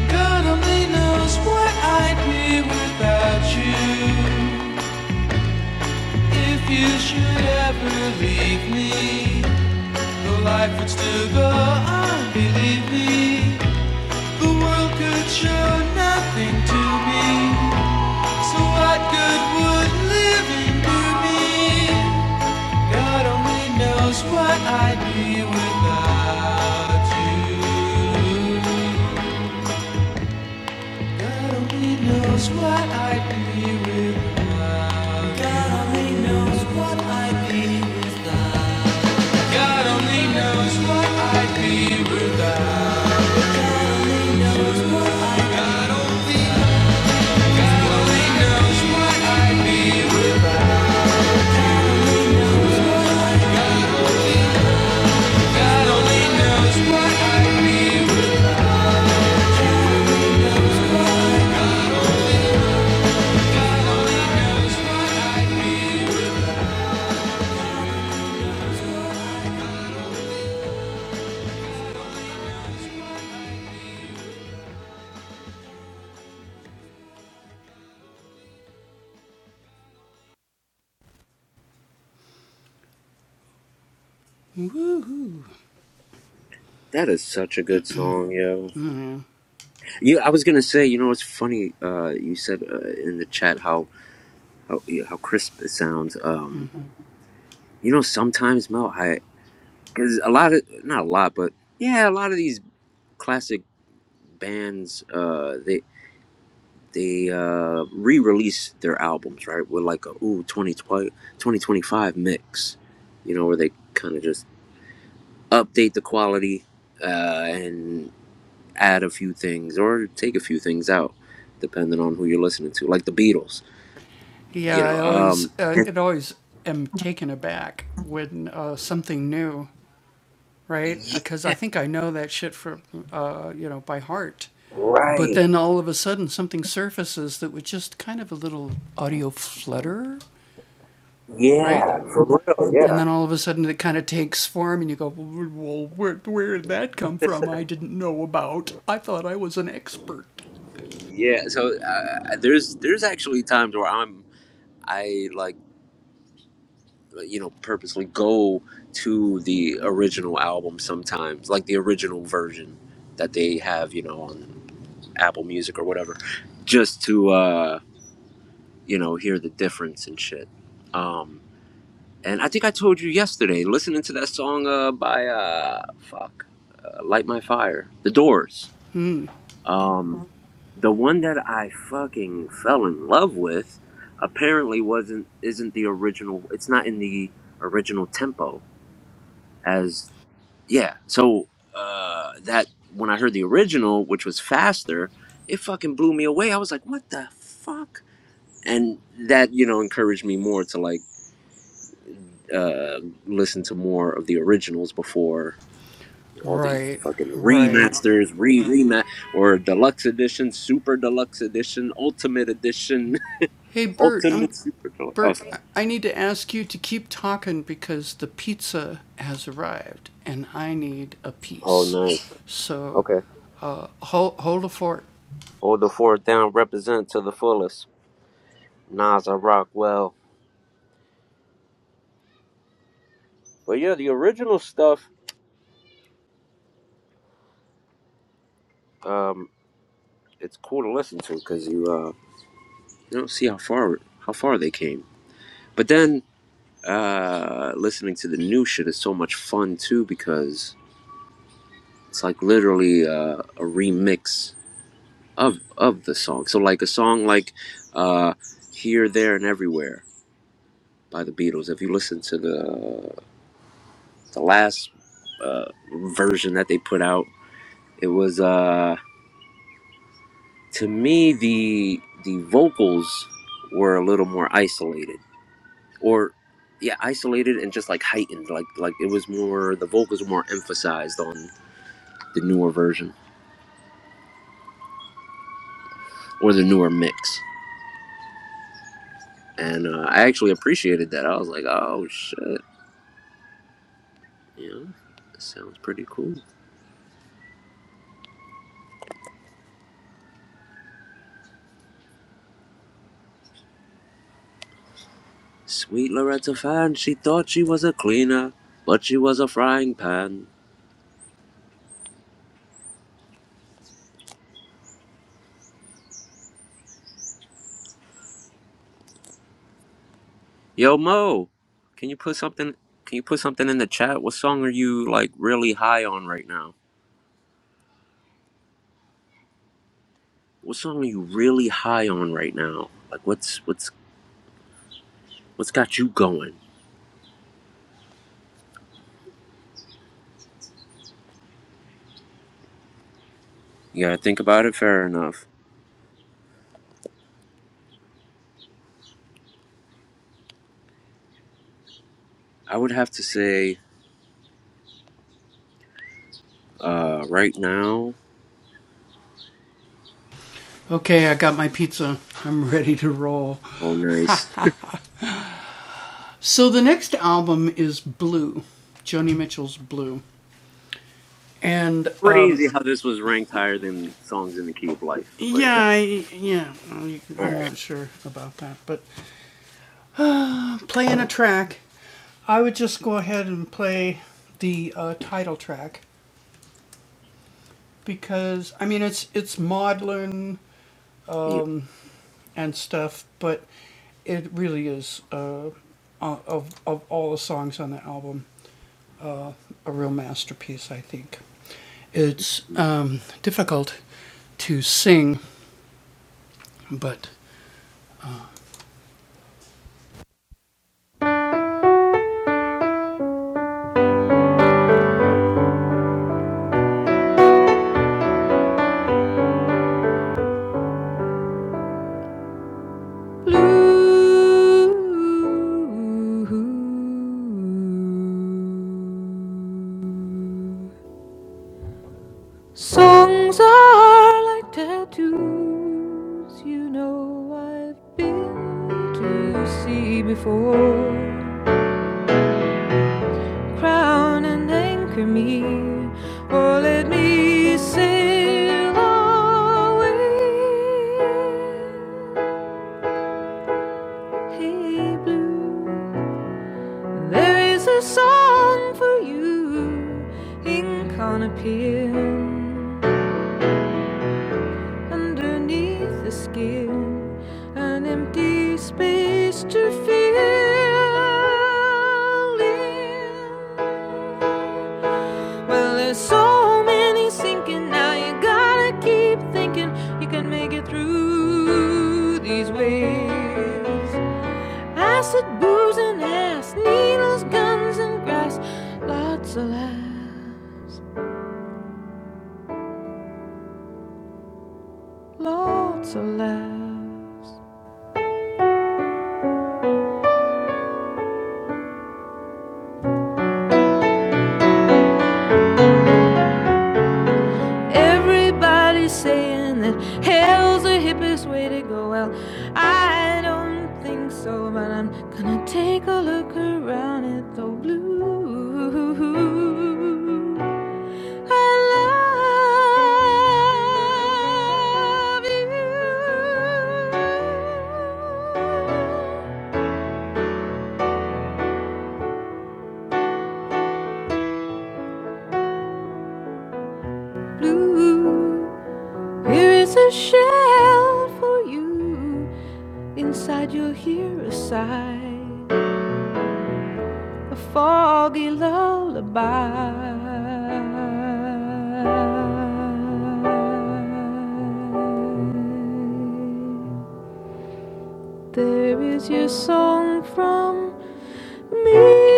Speaker 4: God only knows what I'd be without you. You mean nothing to so what good live to me?
Speaker 1: That is such a good song, yo. You, I was gonna say, you know, it's funny. Uh, you said uh, in the chat how how, yeah, how crisp it sounds. Um, you know, sometimes Mel, I because a lot of not a lot, but yeah, a lot of these classic bands, uh, they they uh re-release their albums, right? With like a ooh 2020 2025 mix, you know, where they kind of just update the quality uh, and add a few things or take a few things out depending on who you're listening to like the beatles you know um [LAUGHS] yeah right yeah for real yeah yeah so uh, there's there's actually times where i'm i like you know purposely go to the original album sometimes like the original version that they have you know on apple music or whatever just to uh you know, hear the difference and shit. Um, and I think I told you yesterday, listening to that song uh, by uh, fuck, uh, Light My Fire, The Doors. Um, the one that I fucking fell in love with apparently wasn't isn't the original. It's not in the original tempo as yeah. So uh, that when I heard the original, which was faster, it fucking blew me away. I was like, what the fuck? And that you know encouraged me more to like uh, listen to more of the originals before all these fucking remasters, re remat or deluxe edition, super deluxe edition, ultimate edition, [LAUGHS] ultimate super deluxe. Oh, oh, nice. Okay, hold the fourth down, represent to the fullest. Nas, I rock well, but yeah, the original stuff. Um, it's cool to listen to because you uh you don't see how far how far they came. But then uh listening to the new shit is so much fun too because It's like literally uh, a remix of of the song. So like a song like uh, "Here, There, and Everywhere" by the Beatles. If you listen to the the last uh, version that they put out, it was uh, to me the the vocals were a little more isolated, or yeah, isolated and just like heightened. Like like it was more the vocals were more emphasized on the newer version or the newer mix. and uh, I actually appreciated that. I was like, oh shit, you know, that sounds pretty cool. Sweet Loretta Fan, she thought she was a cleaner, but she was a frying pan. Yo Mo, can you put something? Can you put something in the chat? What song are you like really high on right now? What song are you really high on right now? Like what's what's what's got you going? You gotta think about it. Fair enough. I would have to say, uh, right now. Oh, nice. crazy how this was ranked higher than songs in the key of life. But yeah, all right. Yeah,
Speaker 4: Blue songs are like tattoos. You know I've been to sea before. Crown and anchor me, or let me sail away. Hey, blue. There is a song for you in Conopin underneath the skin, an empty space to fill in. Well, there's so many sinking now, you gotta keep thinking you can make it through these waves. Acid, booze, and ass, needles, guns, and grass. Lots of laughs, lots of laughs. Everybody's saying that hell's the hippest way to go. Well, I don't think so, but I'm gonna take a look around at the blue. I love you. blue. Here is a shell for you. Inside you'll hear a sigh, a foggy lullaby. There is your song from me.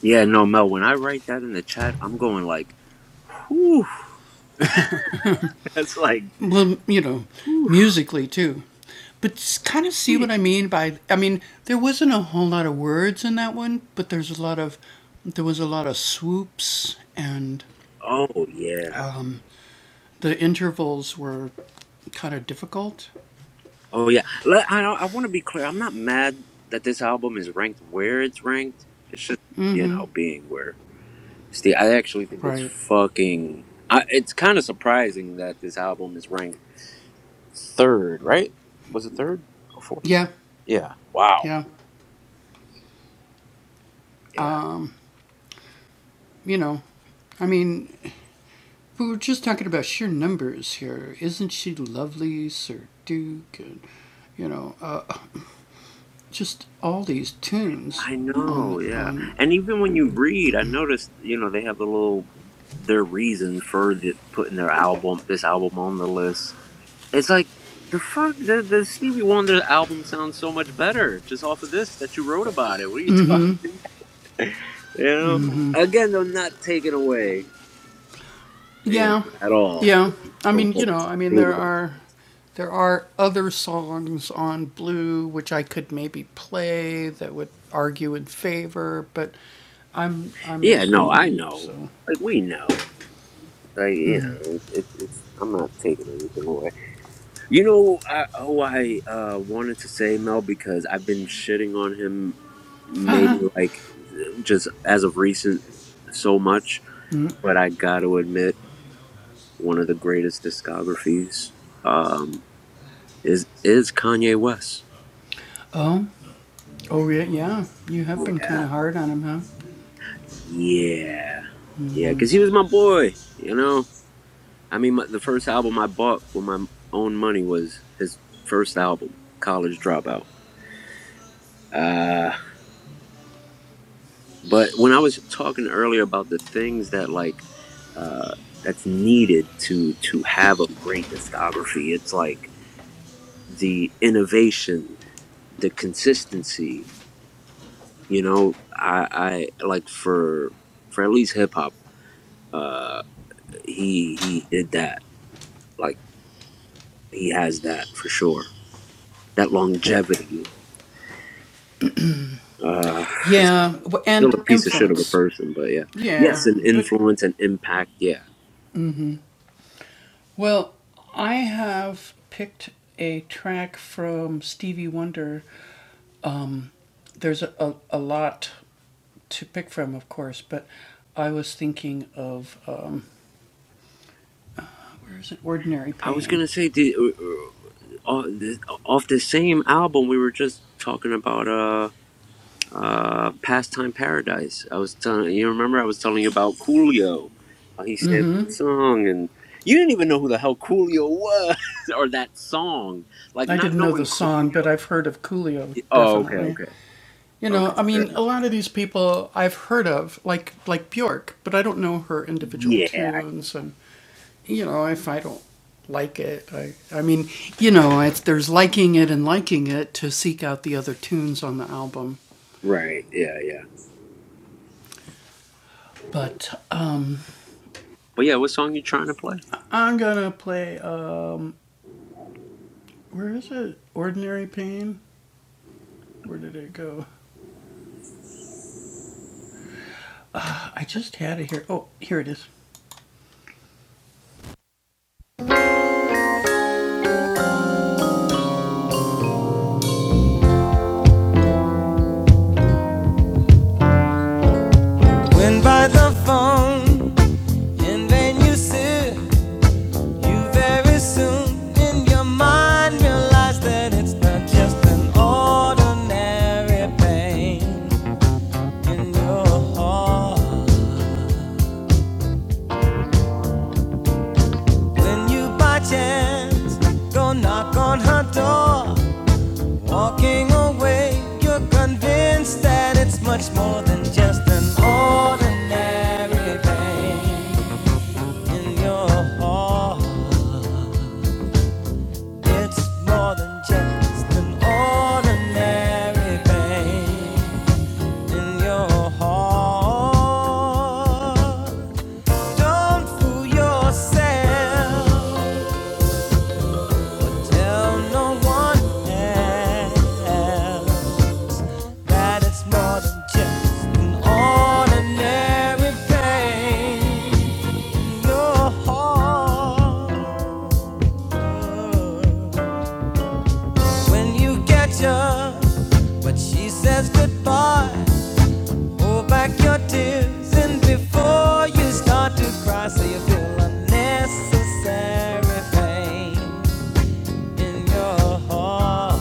Speaker 1: yeah no, Mel. When I write that in the chat, I'm going like, whew. [LAUGHS] That's like, whew. Oh yeah. Oh yeah. Let, I I want to be clear. I'm not mad that this album is ranked where it's ranked. It's just you know being where. Steve, I actually think it's fucking. I, it's kind of surprising that this album is ranked third. Right? Was it third or fourth? Yeah. Wow. Yeah. I know, yeah. And even when you read, I noticed, you know, they have the little their reason for the, putting their album, this album on the list. It's like the fuck, the, the Stevie Wonder album sounds so much better just off of this that you wrote about it. What are you talking? [LAUGHS] You know, again, though, not taken away, you know, at all from what. Blue. Yeah, no, I know. Like we know. Like you know, it, it's I'm not taking anything away. You know, I, oh, I uh, wanted to say Mel because I've been shitting on him, maybe like just as of recent, so much. But I got to admit, one of the greatest discographies um, is is Kanye West. Yeah, yeah, yeah. Because he was my boy. You know, I mean, my, the first album I bought with my own money was his first album, College Dropout. Uh, But when I was talking earlier about the things that like uh, that's needed to to have a great discography, it's like the innovation, the consistency. You know, I, I like for for at least hip hop, uh, he he did that. Like he has that for sure. That longevity. Uh, still a piece of shit of a person, but yeah. Yes, an influence and impact. Yeah, I was gonna say, did, uh, Oh, th- off the same album we were just talking about uh uh pastime paradise i was telling you remember i was telling you about coolio how he sampled the song and you didn't even know who the hell coolio was [LAUGHS] or that song like not knowing coolio oh okay okay okay fair enough. yeah right yeah yeah but yeah what song you trying to play
Speaker 4: When by the phone, in vain you sit, you very soon in your mind realize that it's not just an ordinary pain in your heart. When you by chance go knock on her door, walking away, you're convinced that it's much more than just an ordinary pain in your heart. It's more than just an ordinary pain in your heart. Don't fool yourself. Tell no one else that it's more than just an ordinary pain in your heart. when you catch yours. But she says goodbye. Hold back your tears, and before you start to cry, so you feel unnecessary pain in your heart.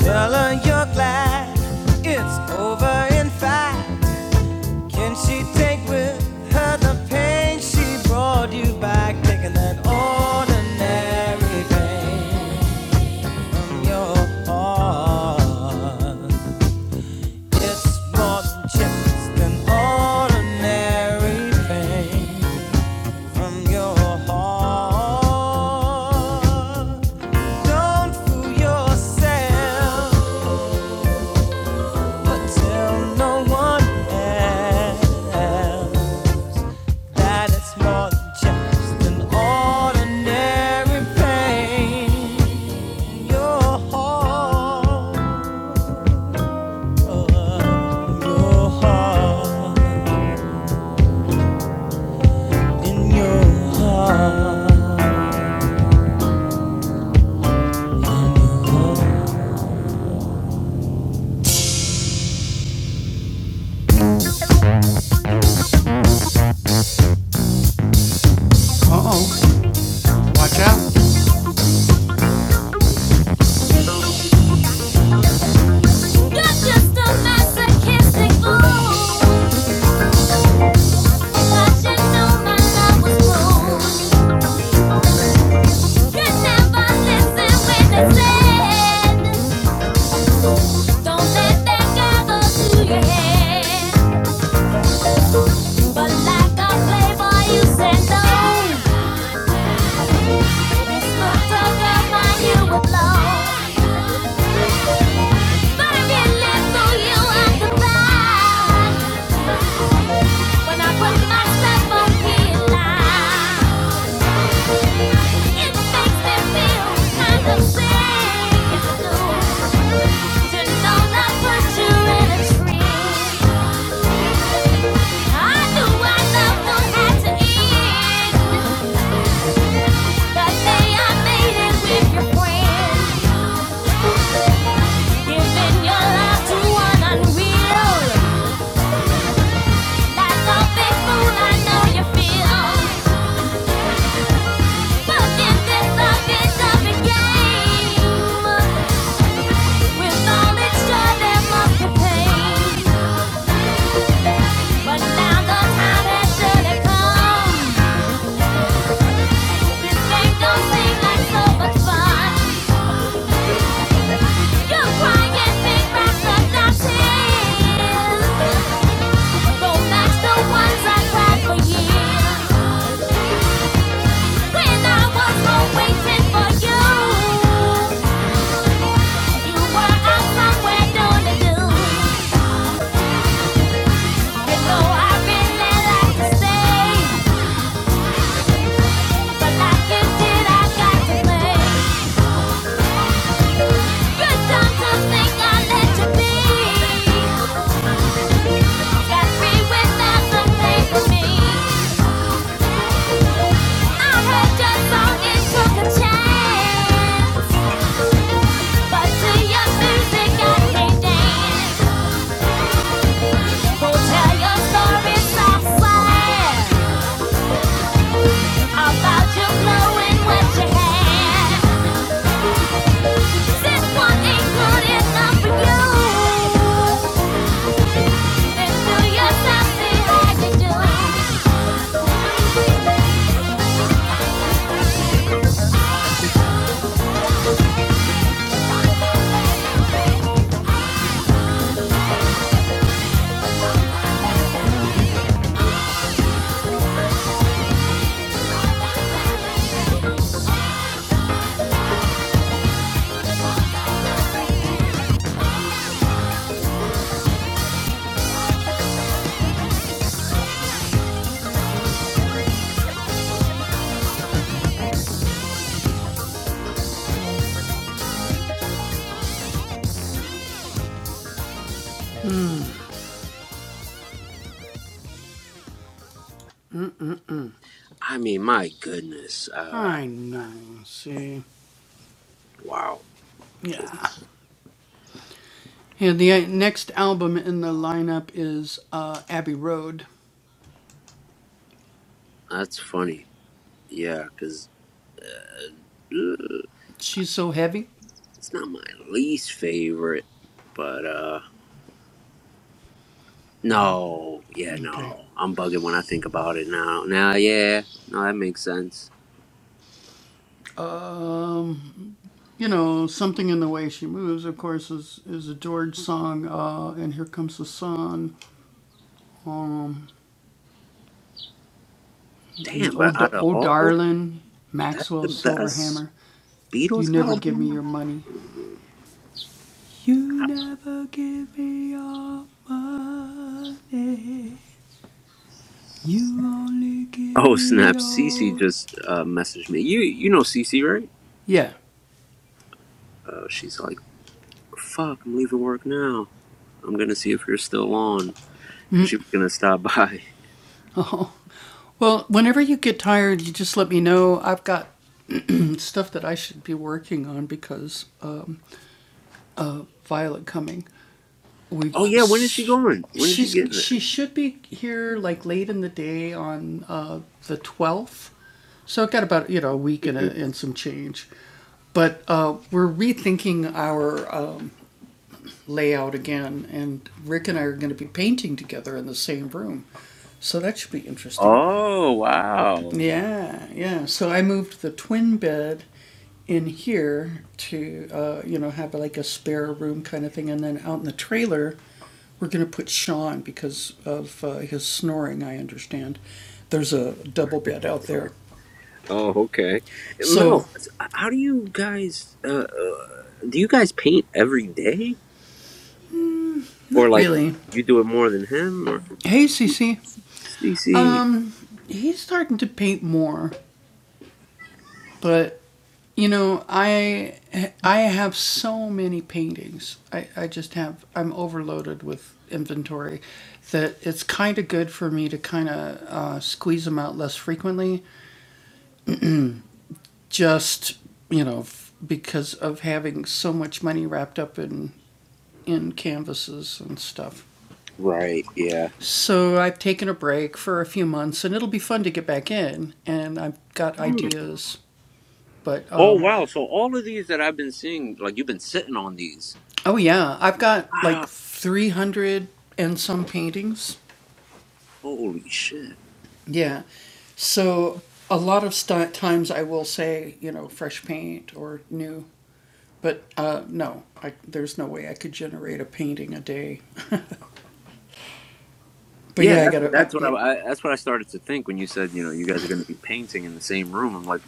Speaker 4: Tell her you're glad it's over. In fact, can she take with her the pain she brought you back, taking that ordinary pain in your heart? It's more than just an ordinary pain from your heart. Don't fool yourself, but tell no one else that it's more than just an ordinary pain. Your heart, your heart. in your heart. You're just a masochistic fool. I should know my love was cruel. You never listen when they said, "Don't let that guy go to your But like a playboy, you said no. Friends. Giving your love to one unreal. That's a big I know you feel. But in this office of a game, with all its joy, there must be pain. But now the time has surely come. This game don't seem like so much fun. You cry and think back the tears. Don't the ones I've for years. When I was home waiting for you, you were out somewhere doing do. You know I really like to stay, but life is shit I got to play. Good time to think I let you be. Got free without the pay for me. I heard your song, it took a chance. But to your music I can dance. we tell your story softly about your glowing with your This one ain't good enough for you. Then do yourself the I do.
Speaker 1: i mean my goodness uh wow just that's funny yeah because It's not my least favorite, but uh no, yeah, no. I'm bugging when I think about it now. Now, yeah, no, that makes sense. Damn, but out of all those, that's the best Beatles album. Mm, Oh snap! Cece just uh, messaged me. You you know Cece right? Uh, she's like, "Fuck, I'm leaving work now. I'm gonna see if you're still on, cause she was gonna stop by." [LAUGHS] Oh yeah, when is she going? When is she getting there? [LAUGHS] Oh wow! Oh, okay. Mel, s- how do you guys? Uh, uh, do you guys paint every day, or like you do it more than him or CC? Right, yeah. Hmm. Oh wow! So all of these that I've been seeing, like you've been sitting on these. Wow! Holy shit! Yeah, that's that's what I, I that's what I started to think when you said you know you guys are going to be painting in the same room. I'm like,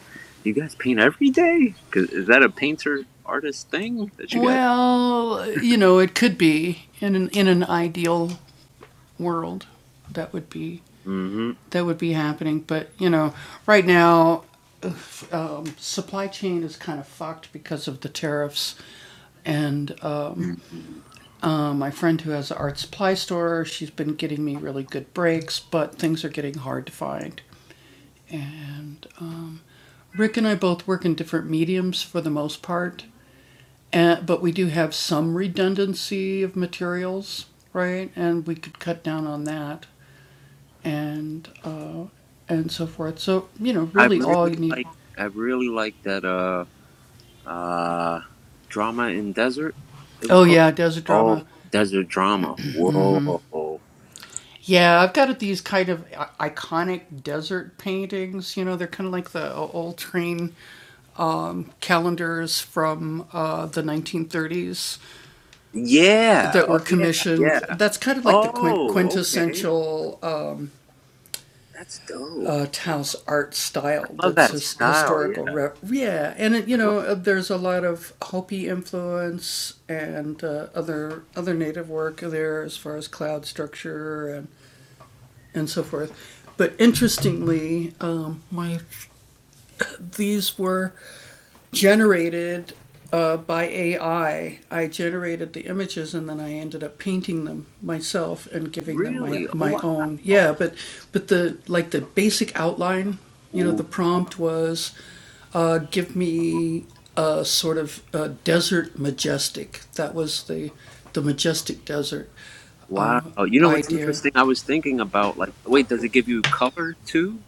Speaker 1: do you guys paint every day? Cause is that a painter artist thing that you guys? Mm-hmm. I really like I really like that uh uh drama in desert. It was called Oh Desert Drama. Whoa. Yeah. Oh yeah. Yeah. Oh, okay. That's dope. I love that style, yeah. I love really? Oh wow. Ooh. Wow. You know what's interesting? I was thinking about like wait, does it give you color too?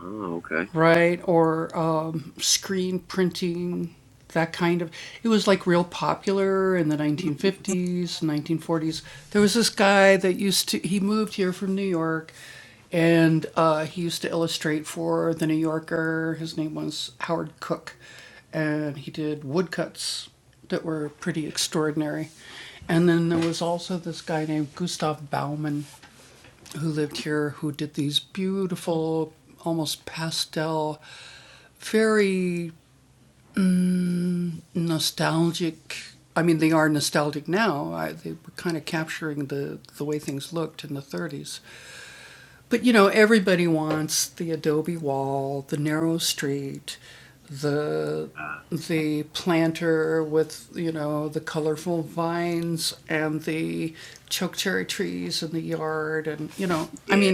Speaker 1: Oh, okay. Uh, yeah.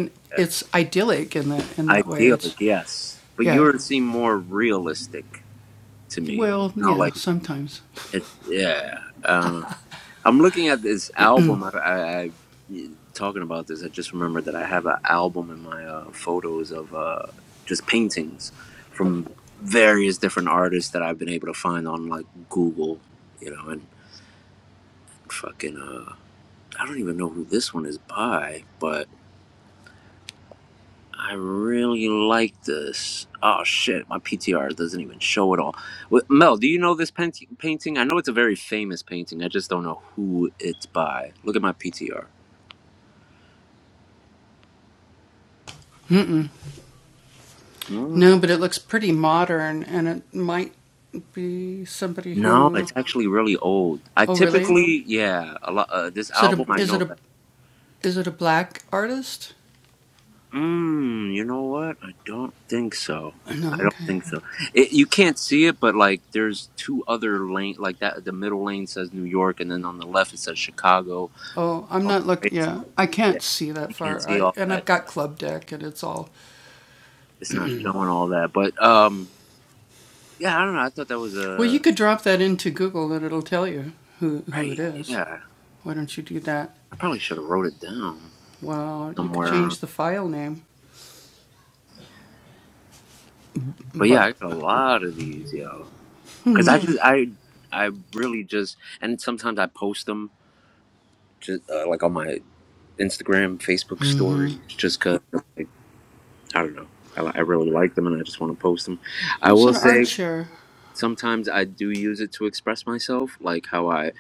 Speaker 1: idyllic, yes. But yours seem more realistic to me. You know, like it, yeah. Uh, I'm looking at this album. I, I, I talking about this. I just remembered that I have an album in my uh, photos of uh, just paintings from various different artists that I've been able to find on like Google. You know, and fucking uh, I don't even know who this one is by, but. I really like this. Oh shit, my PTR doesn't even show it all. Wh- Mel, do you know this paint- painting? I know it's a very famous painting. I just don't know who it's by. Look at my PTR. Hmm? No, it's actually really old. I typically, yeah, a lot. Uh, this album, I know that. Mm, you know what? I don't think so. I don't think so. It, you can't see it, but like, there's two other lane, like that. The middle lane says New York, and then on the left it says Chicago. On the right, Yeah, you can't see all that. It's not showing all that. But um, yeah, I don't know. I thought that was a right. Yeah, I probably should have wrote it down somewhere. But yeah, I got a lot of these, yo. Because I just I I really just and sometimes I post them just uh, like on my Instagram, Facebook stories, just cause like I don't know. I, I really like them and I just want to post them. I will say. sometimes I do use it to express myself, like how I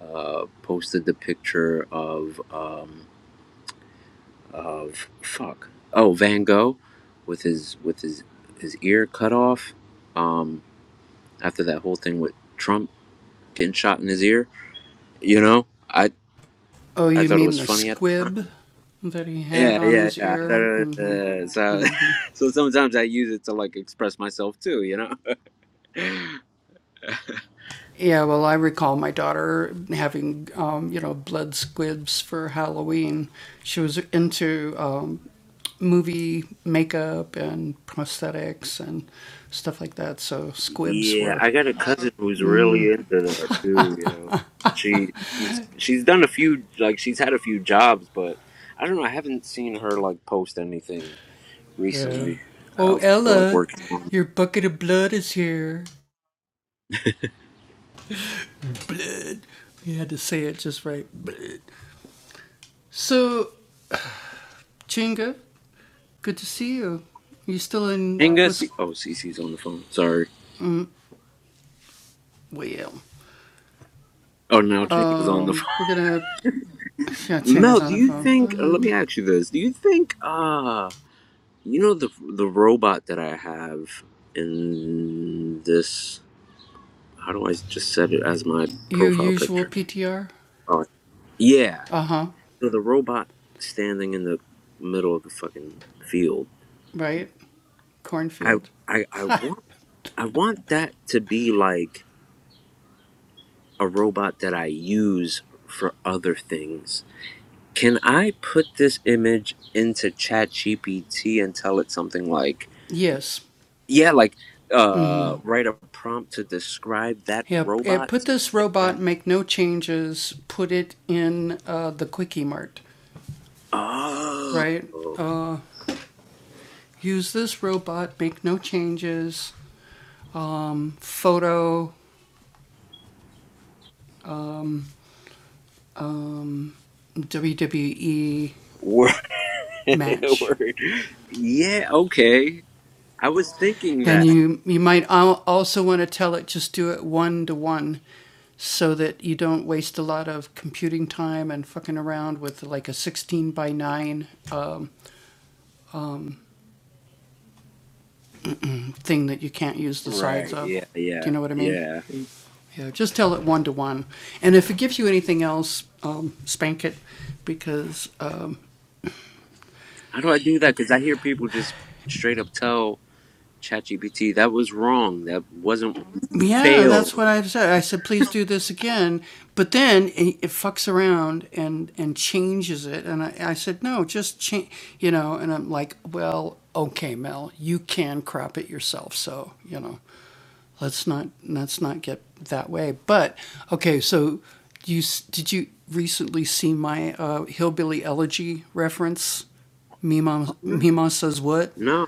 Speaker 1: uh, posted the picture of um, of fuck oh Van Gogh with his with his his ear cut off um, after that whole thing with Trump getting shot in his ear. You know, I I thought it was funny at the time. Yeah, yeah, yeah. I thought it was- uh, so [LAUGHS] so sometimes I use it to like express myself too. You know. Yeah, I got a cousin who's really into that too, yo. She she's she's done a few like she's had a few jobs, but I don't know, I haven't seen her like post anything recently. Uh for like working on Chinga C- oh Cece's on the phone, sorry. Oh no, Chinga's on the [LAUGHS] phone. Mel, do you think uh, let me ask you this. Do you think uh you know the the robot that I have in this how do I just set it as my profile picture? Oh, yeah. So the robot standing in the middle of the fucking field. I I I want I want that to be like a robot that I use for other things. Can I put this image into ChatGPT and tell it something like, yeah, like uh write a prompt to describe that robot exactly. Oh. Word. [LAUGHS] Word. Yeah, okay. I was thinking that. Right. Yeah. Yeah. Yeah. How do I do that? Because I hear people just straight up tell ChatGPT that was wrong. That wasn't failed. Oh no. No.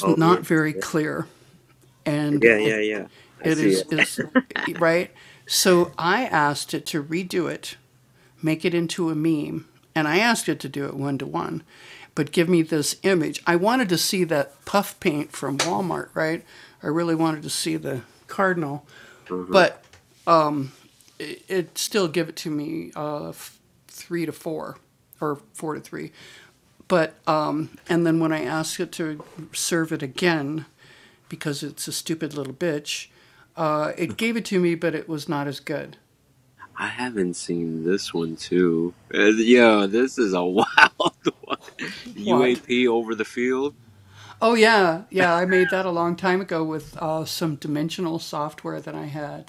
Speaker 1: Oh yeah. Yeah. Yeah. Yeah. yeah. I see it. Uh-huh. I haven't seen this one too. Uh, yo, this is a [LAUGHS] wild one. UAP over the field.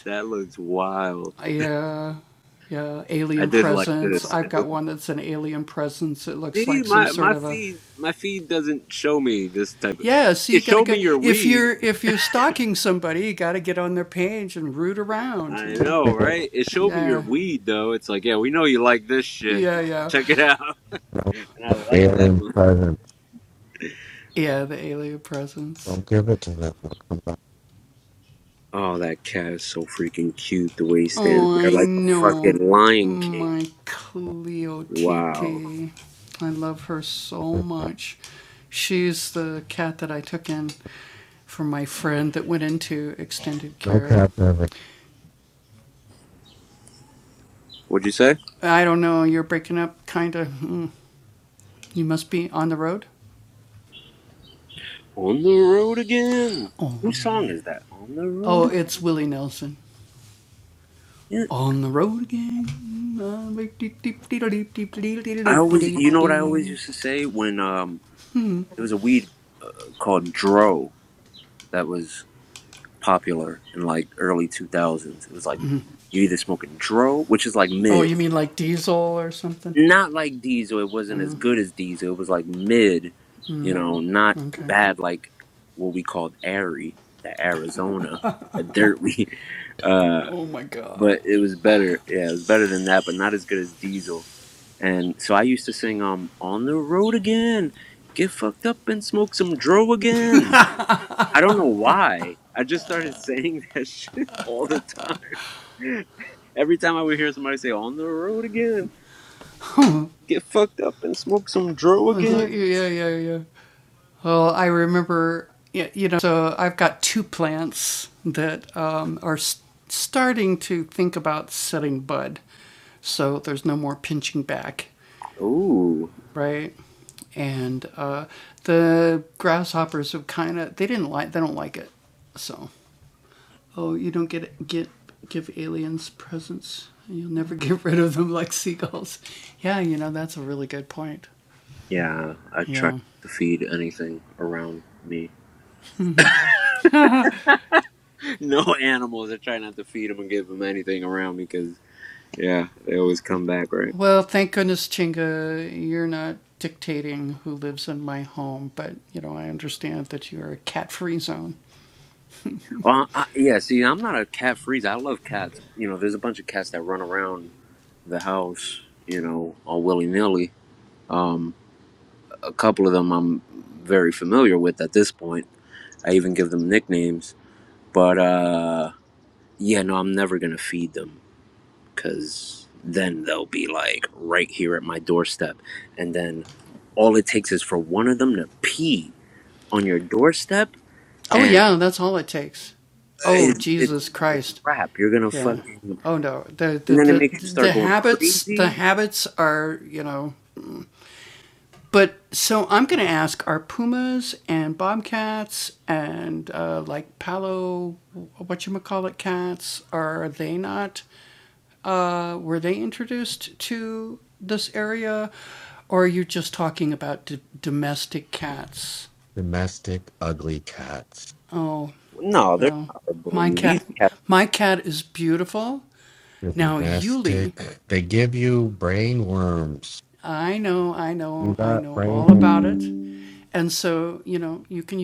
Speaker 1: That looks wild. I did like this. I did. See, my my feed my feed doesn't show me this type. Of, it showed me your weed, I know, right? It showed me your weed though. It's like, yeah, we know you like this shit. Check it out. [LAUGHS] And I like that
Speaker 5: Alien
Speaker 1: one.
Speaker 5: presence. Don't give it to them.
Speaker 1: Oh, that cat is so freaking cute. The way he stands there like a fucking lion king. Wow.
Speaker 5: No cat ever.
Speaker 1: What'd you say? On the road again. Whose song is that? On the road again. I always, you know what I always used to say when um, there was a weed called Dro that was popular in like early 2000s. It was like you either smoking Dro, which is like mid, not like Diesel. It wasn't as good as Diesel. It was like mid, you know, not bad like what we called Airy, the Arizona, the dirt we. [LAUGHS] Uh, but it was better. Yeah, it was better than that, but not as good as Diesel. And so I used to sing um on the road again, get fucked up and smoke some dro again. I don't know why. I just started saying that [LAUGHS] shit all the time. Every time I would hear somebody say on the road again. Get fucked up and smoke some dro again. Ooh. Yeah, I try to feed anything around me. [LAUGHS] No animals. I try not to feed them and give them anything around me because yeah, they always come back, right? Well, I, yeah, see, I'm not a cat freak. I love cats. You know, there's a bunch of cats that run around the house, you know, all willy nilly. Um, a couple of them I'm very familiar with at this point. I even give them nicknames. But, uh, yeah, no, I'm never going to feed them. because then they'll be like right here at my doorstep. And then all it takes is for one of them to pee on your doorstep, and it's it's it's crap. You're gonna fucking. And then it makes you start going crazy.
Speaker 5: Domestic ugly cats.
Speaker 1: No, they're not gonna believe these cats.
Speaker 5: Domestic. They give you brain worms. You got brain worms.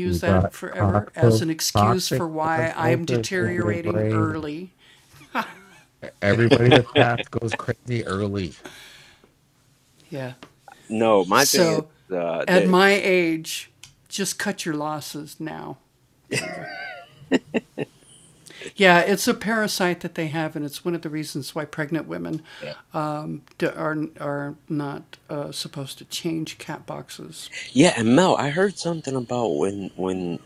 Speaker 5: You got toxic, toxic osmosis in your brain. Everybody with cats goes crazy early.
Speaker 1: No, my thing is, uh, they yeah. yeah, and Mel, I heard something about when when.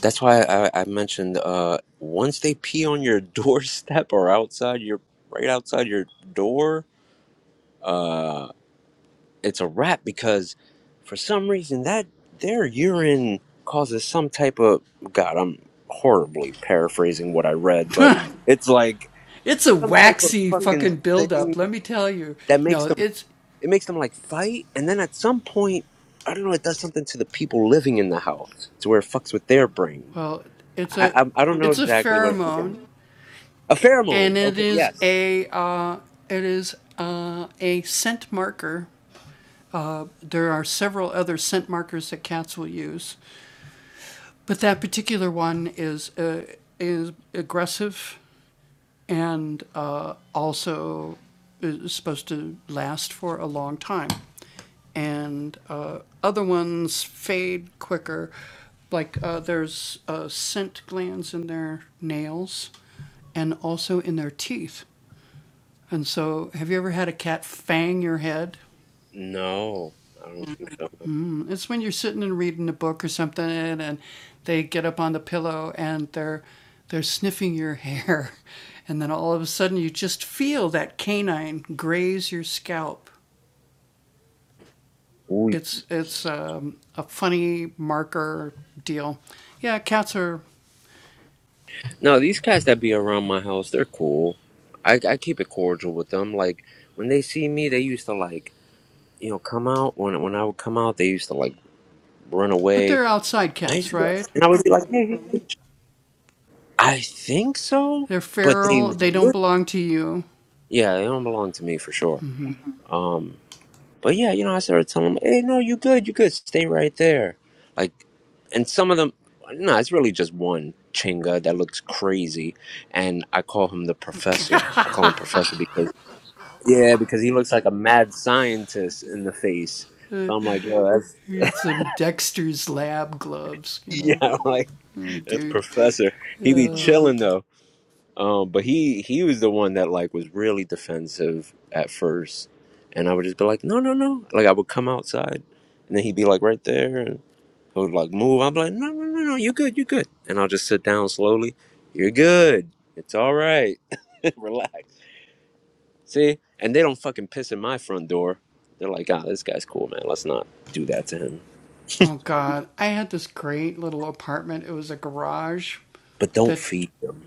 Speaker 1: That's why I, I mentioned uh, once they pee on your [LAUGHS] doorstep or outside your right outside your door, it's a wrap because for some reason that their urine causes some type of god i'm horribly paraphrasing what i read but it's like some type of fucking thing that makes them it makes them like fight and then at some point i don't know it does something to the people living in the house to where it fucks with their brain i i, I don't know exactly what again a pheromone okay yes no i don't think so No, these cats that be around my house, they're cool. I, I keep it cordial with them. Like when they see me, they used to like you know come out. When when I would come out, they used to like run away. I used to be, and I would be like, hey, hey, hey." I think so, but they look- yeah, they don't belong to me for sure. Um, but yeah, you know, I started telling them, hey, no, you good, you good, stay right there. Like, and some of them, no, it's really just one chinga that looks crazy, and I call him the professor. I call him professor because Yeah, because he looks like a mad scientist in the face. So I'm like, yo, that's [LAUGHS] yeah, I'm like that's professor. He be chilling though. Um, but he he was the one that like was really defensive at first, and I would just be like, no, no, no. Like I would come outside, and then he'd be like right there, and I would like move. I'm like, no, no, no, no, you good, you good, and I'll just sit down slowly. You're good. It's all right. [LAUGHS] Relax. See, and they don't fucking piss in my front door. They're like, ah, oh, this guy's cool, man. Let's not do that to him. But don't feed him.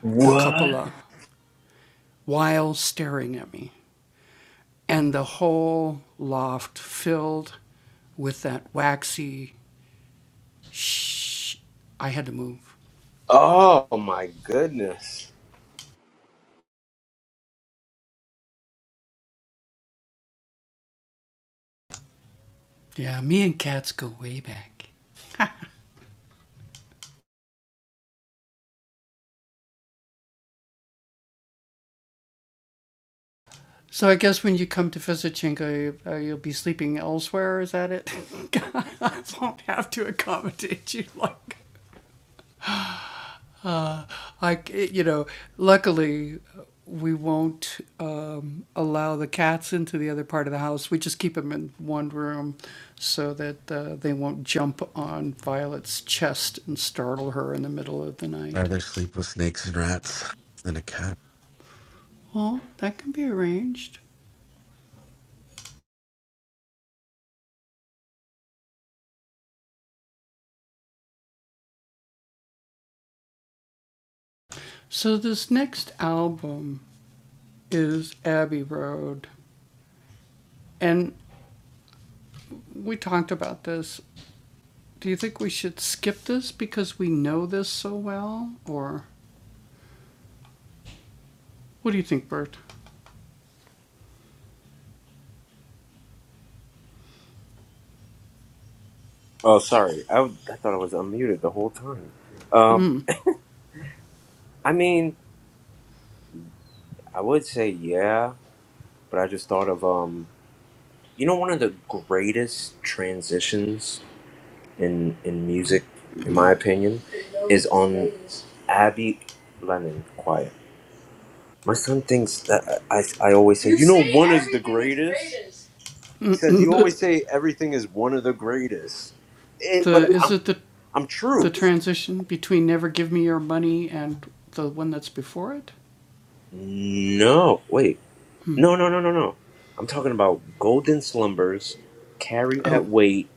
Speaker 1: What? Oh my goodness.
Speaker 5: Rather sleep with snakes and rats than a cat.
Speaker 1: Oh, sorry. I, I thought I was unmuted the whole time. Um, I mean, I would say yeah, but I just thought of um, you know, one of the greatest transitions in in music, in my opinion, is on Abby Lennon. Quiet. My son thinks that I, I always say, you, You know, say one is the everything is greatest. He says, you always say everything is one of the greatest. Eh, but I'm, I'm true. No, wait. No, no, no, no, no. I'm talking about Golden Slumbers, Carry That Weight,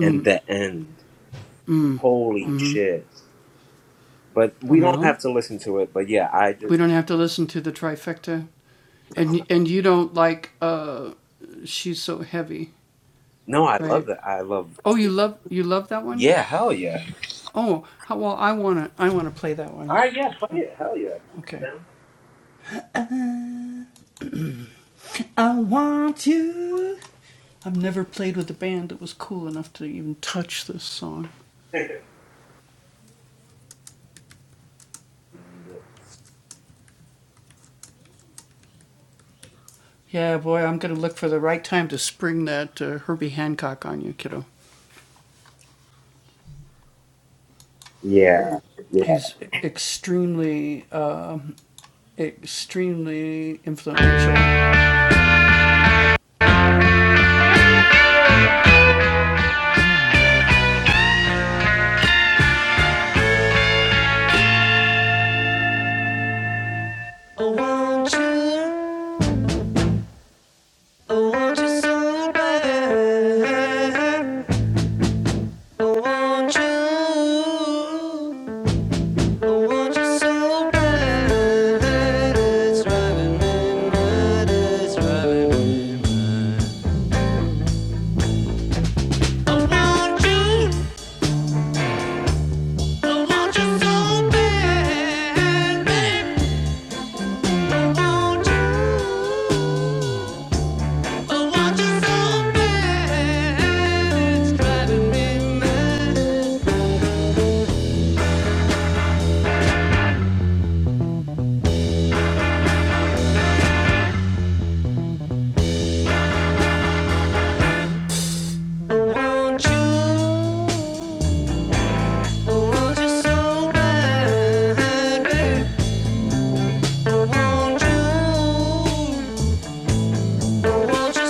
Speaker 1: and The End. Holy shit. But we don't have to listen to it. But yeah, I just, no, I love that. I love, yeah, hell yeah. All right, yeah, play it. Hell yeah. [LAUGHS] Yeah.
Speaker 4: Oh, will you? Oh, will you so bad? Oh, will you? Want so I want you, I want you so bad, babe. I want you, I want you so bad, it's driving me mad. I want you, I want you so bad, babe. I want you. Won't you?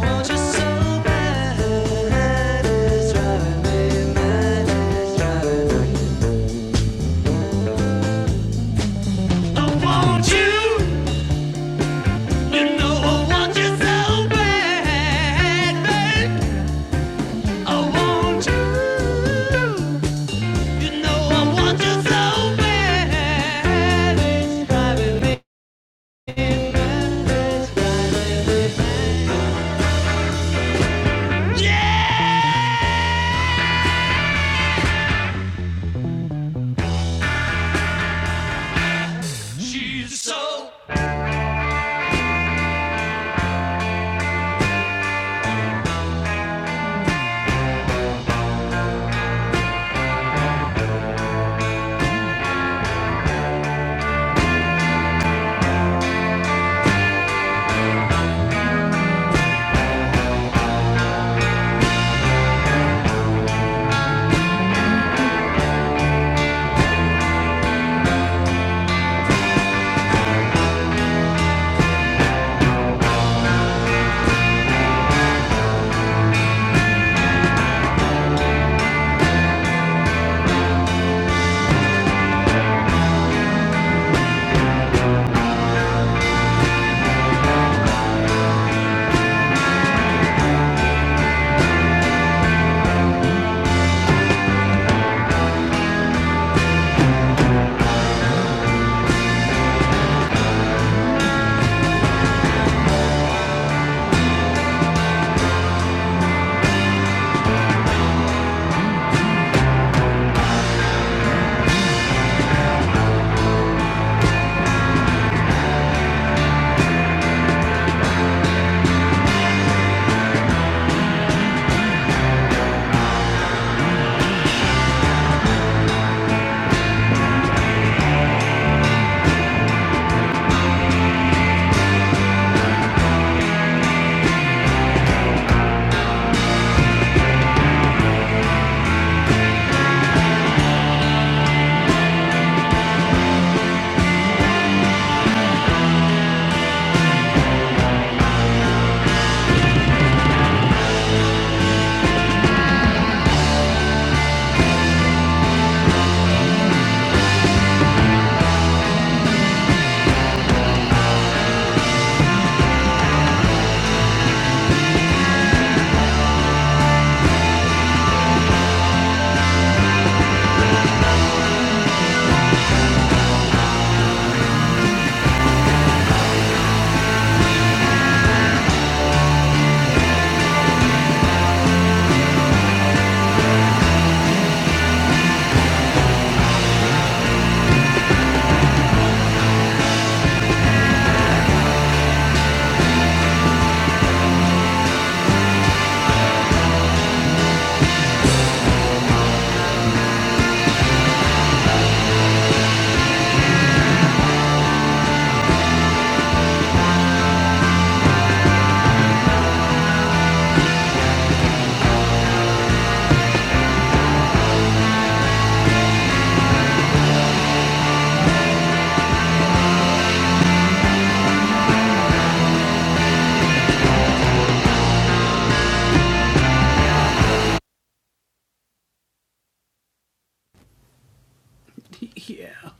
Speaker 4: So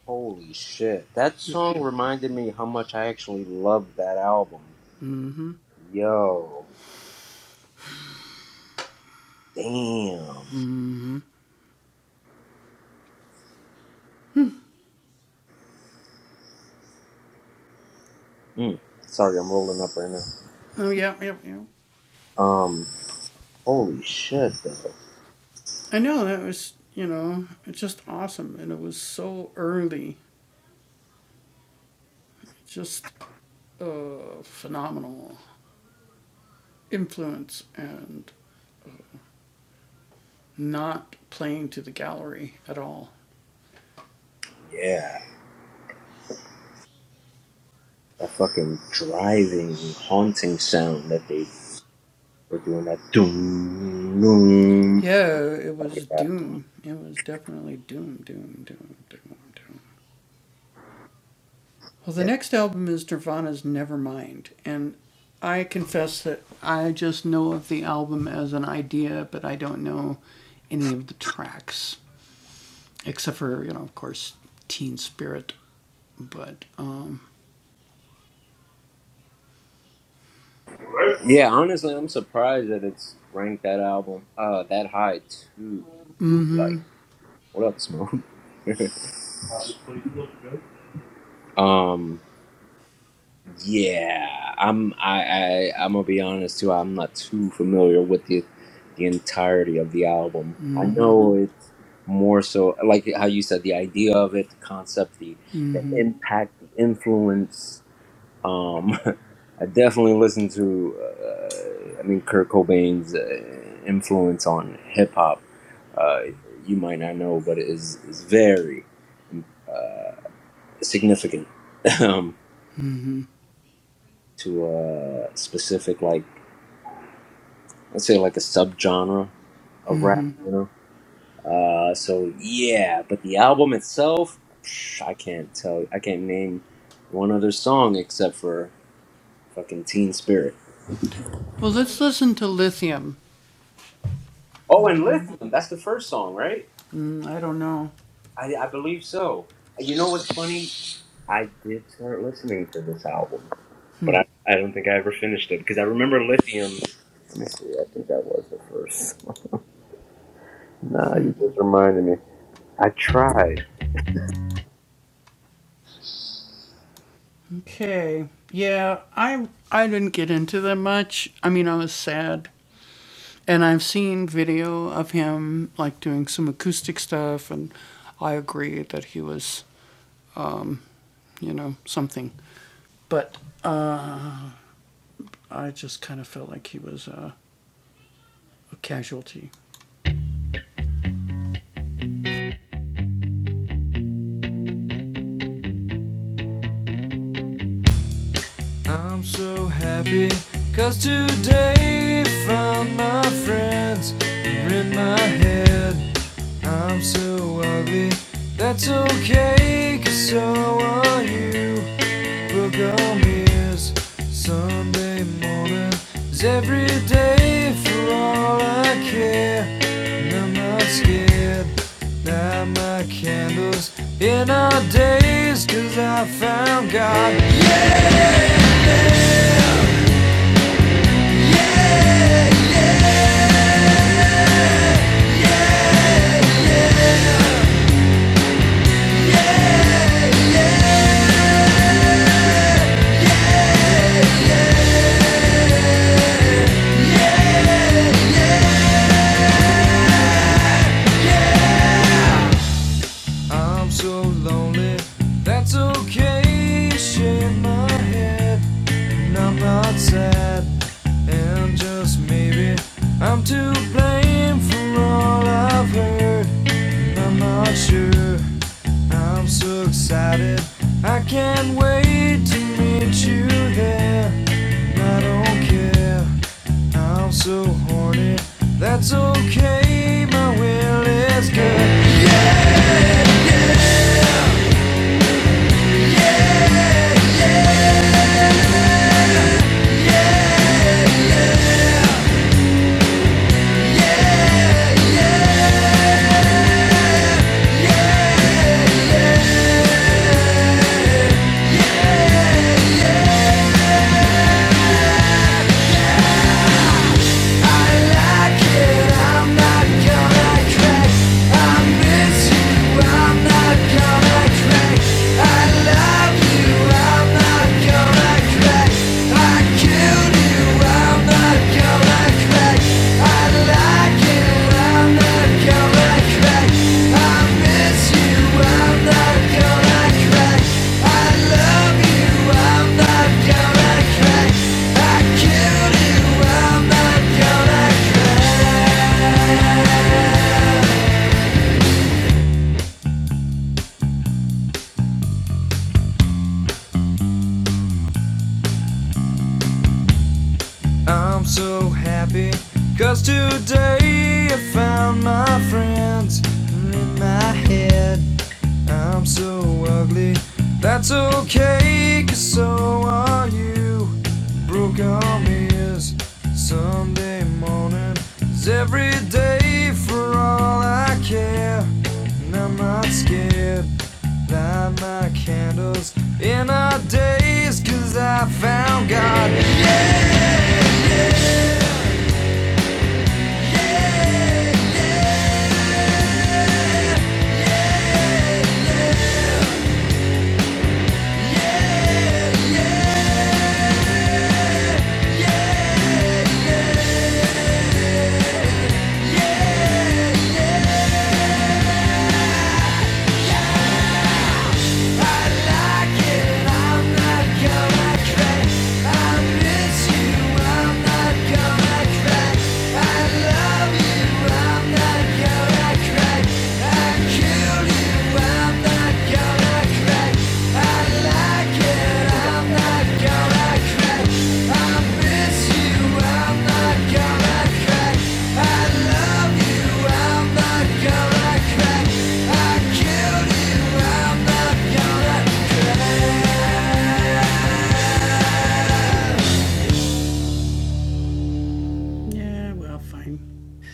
Speaker 1: Holy shit. That song reminded me how much I actually loved that album. Yo. Damn. Mm. Sorry, I'm rolling up right now. Um, holy shit, though. Yeah. That fucking driving, haunting sound that they were doing that doom, doom. Yeah. Yeah. Yeah, honestly, I'm surprised that it's ranked that album, uh, that high too. Like, what up, Smoke? [LAUGHS] um, Yeah, I'm. I, I. I'm gonna be honest too. I'm not too familiar with the, the entirety of the album. I know it's more so like how you said the idea of it, the concept, the the impact, the influence. Um, [LAUGHS] I definitely listen to. Uh, I mean, Kurt Cobain's uh, influence on hip hop. Uh, you might not know, but it is is very uh, significant. [LAUGHS] to a specific like let's say like a subgenre of rap, you know. Uh, so yeah, but the album itself, psh, I can't tell. I can't name one other song except for fucking Teen Spirit. Oh, and Lithium. That's the first song, right? I, I believe so. You know what's funny? I did start listening to this album, but I, I don't think I ever finished it because I remember Lithium. Let me see. I think that was the first. Nah, you just reminded me. I tried. I
Speaker 4: I'm so happy 'cause cause today found my friends are in my head. I'm so ugly, that's okay 'cause so are you. Book on ears, Sunday morning is every day for all I care. And I'm not scared, light my candles in our days, 'cause I found God. I'm so lonely. That's okay. Shake my head, and I'm not sad. And just maybe I'm to blame for all I've heard. And I'm not sure. I'm so excited. I can't wait to meet you there. And I don't care. I'm so horny. That's okay. My will is good. I like it around the I'm so happy 'cause today I found my friends in my head. I'm so ugly, that's okay 'cause so are you. Broke arm is Sunday morning, is every day for all I care. And I'm not scared, light my candles in our days, 'cause I found God.
Speaker 1: think I got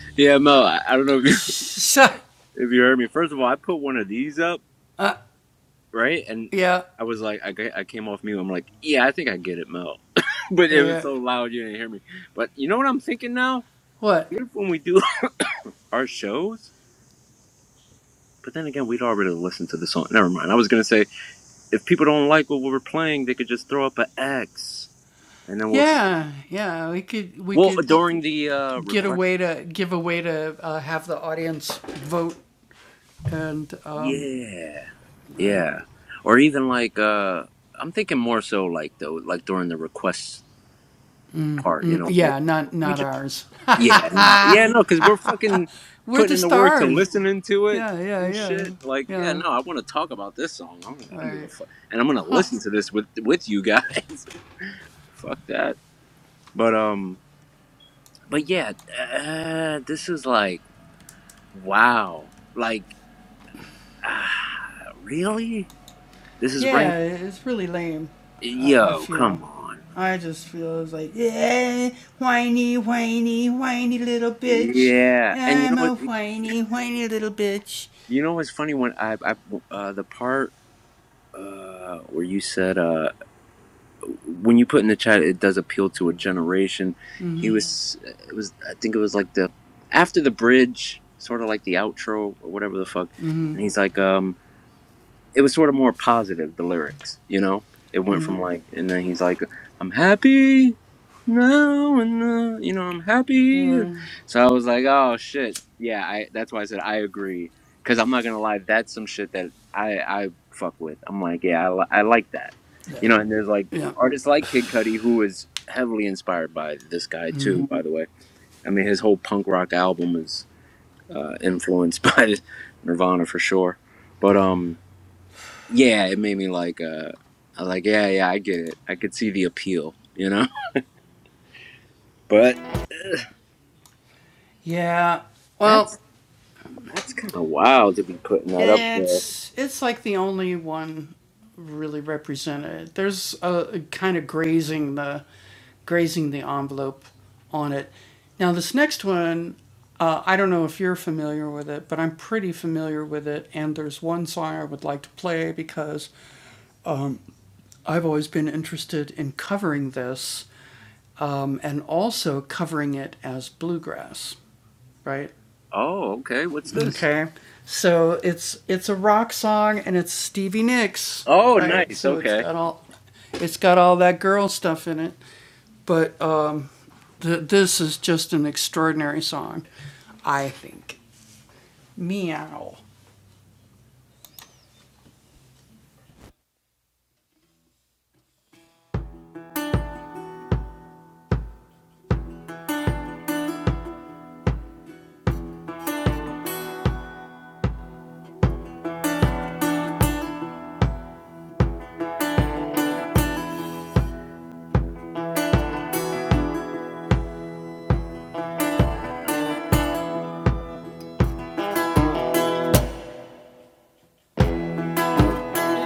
Speaker 1: it. Yeah, Mo, I, I don't know if you, [LAUGHS] if you heard me. First of all, I put one of these up, right? And I was like, I, ca- I came off mute. I'm like, yeah, I think I get it, Mo. [LAUGHS] but it was so loud you didn't hear me. But you know what I'm thinking now? What if when we do [LAUGHS] our shows? But then again, we'd already listened to the song. Never mind. I was gonna say if people don't like what we were playing, they could just throw up an X, and then we'll. s- Well, during the uh, request. Yeah. Yeah. Or even like uh I'm thinking more so like though like during the request part, you know, we just yeah, no. Yeah, no, cuz we're fucking putting in the work to listening to it and shit. Like, yeah, no, I want to talk about this song. I'm, I don't give a fuck. And I'm going to listen to this with with you guys. [LAUGHS] fuck that. But um but yeah, uh, this is like wow. Like ah, really? This is rank yo, come on. Yeah, and you know what? You know what's funny when I, I uh, the part uh, where you said uh, when you put in the chat, it does appeal to a generation. He was, it was, I think it was like the after the bridge, sort of like the outro or whatever the fuck. And he's like, um, it was sort of more positive the lyrics you know it went from like and then he's like i'm happy now," and uh, you know i'm happy so i was like oh shit yeah i that's why i said i agree because i'm not gonna lie that's some shit that i i fuck with i'm like yeah i, li- I like that you know and there's like artists like kid Cudi who is heavily inspired by this guy too by the way i mean his whole punk rock album is uh, influenced [LAUGHS] by nirvana for sure but um yeah, it made me like, uh, I was like, yeah, yeah, I get it. I could see the appeal, you know. [LAUGHS] But that's that's kind of wild to be putting that up there. Oh, okay. What's this? Oh, nice. Okay.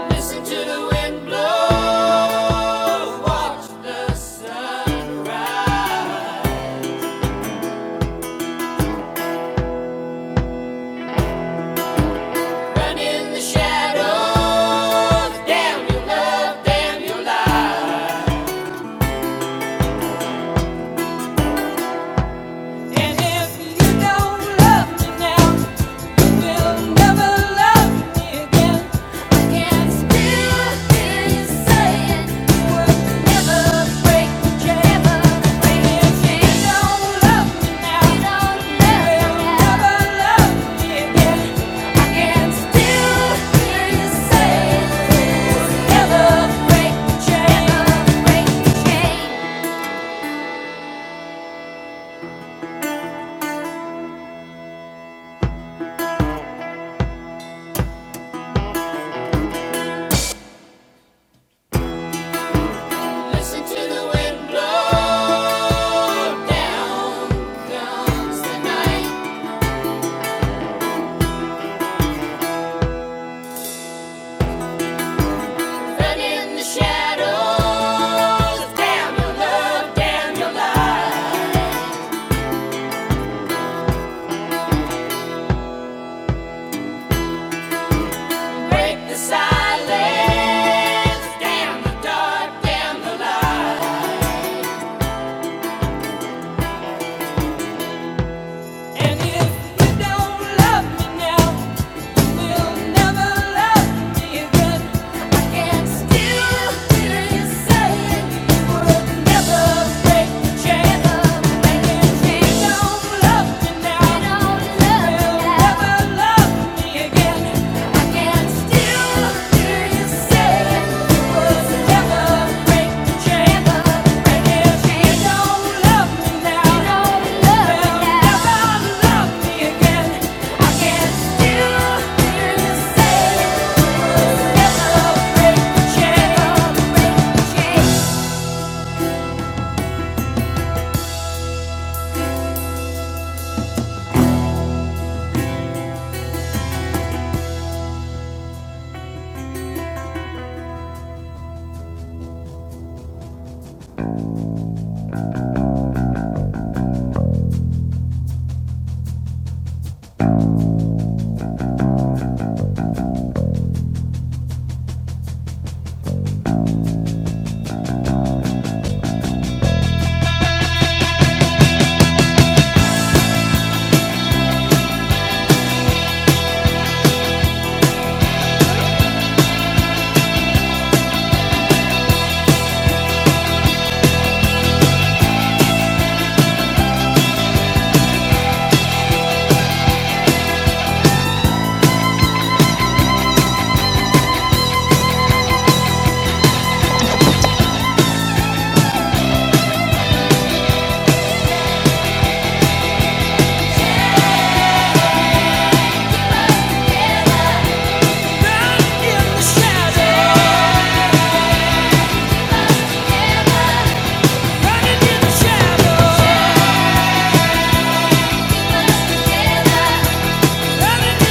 Speaker 4: Listen to the wind blow, watch the sunrise. Run in the shadows, damn your love, damn your life. And if you don't love me now, you'll never love me again. Can still hear you saying, we never break the chain, break the chain." You don't love me now, you don't love me now. Never love me again. I can still hear you saying, we never break the chain, break the chain." Listen to the wind blow. Down comes the night. And in the shadows, damn your love, damn your light. Break the silence, damn the dark, damn the light. And if you don't love me now. Again. I can still hear you Running in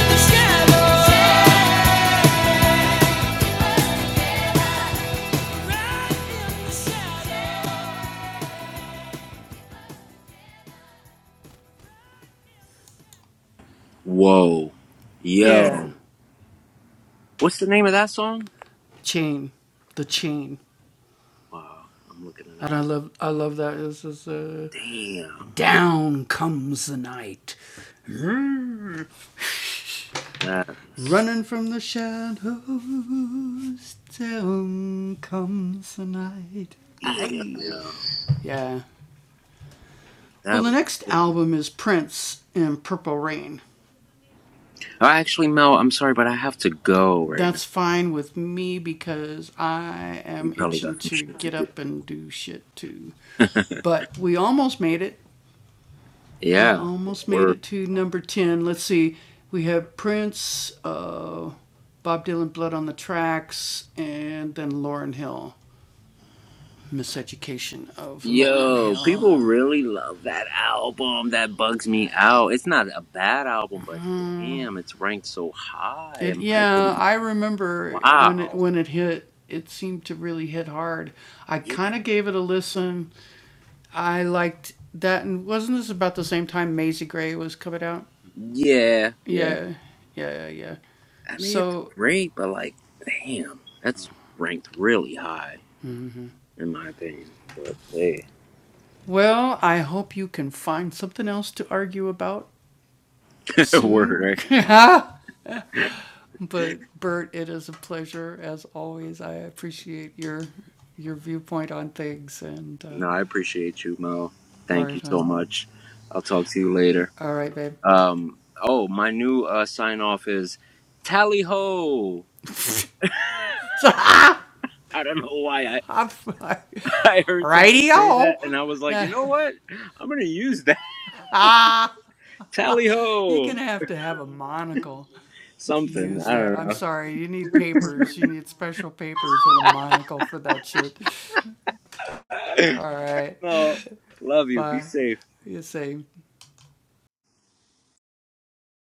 Speaker 4: the shadows. right in the shadow.
Speaker 1: Whoa, yo, what's the name of that song? Wow, I'm looking it up. Damn, that was damn, yo, that was. Oh, actually, Mel, I'm sorry, but I have to go right now. You probably got some shit to do. Yeah, word. Yo, people really love that album. That bugs me out. It's not a bad album, but damn, it's ranked so high in my opinion. Wow. Yeah, yeah. yeah. I mean, it's great, but like, damn, that's ranked really high in my opinion. But hey, [LAUGHS] word. Right? No, I appreciate you, Mo. Thank you so much. I'll talk to you later. Um. Oh, my new uh, sign off is tally ho. [LAUGHS] I don't know why I, [LAUGHS] I heard somebody say that and I was like, you know what? I'm gonna use that. [LAUGHS] Tally ho something. I don't know. [LAUGHS] no. Love you. Be safe.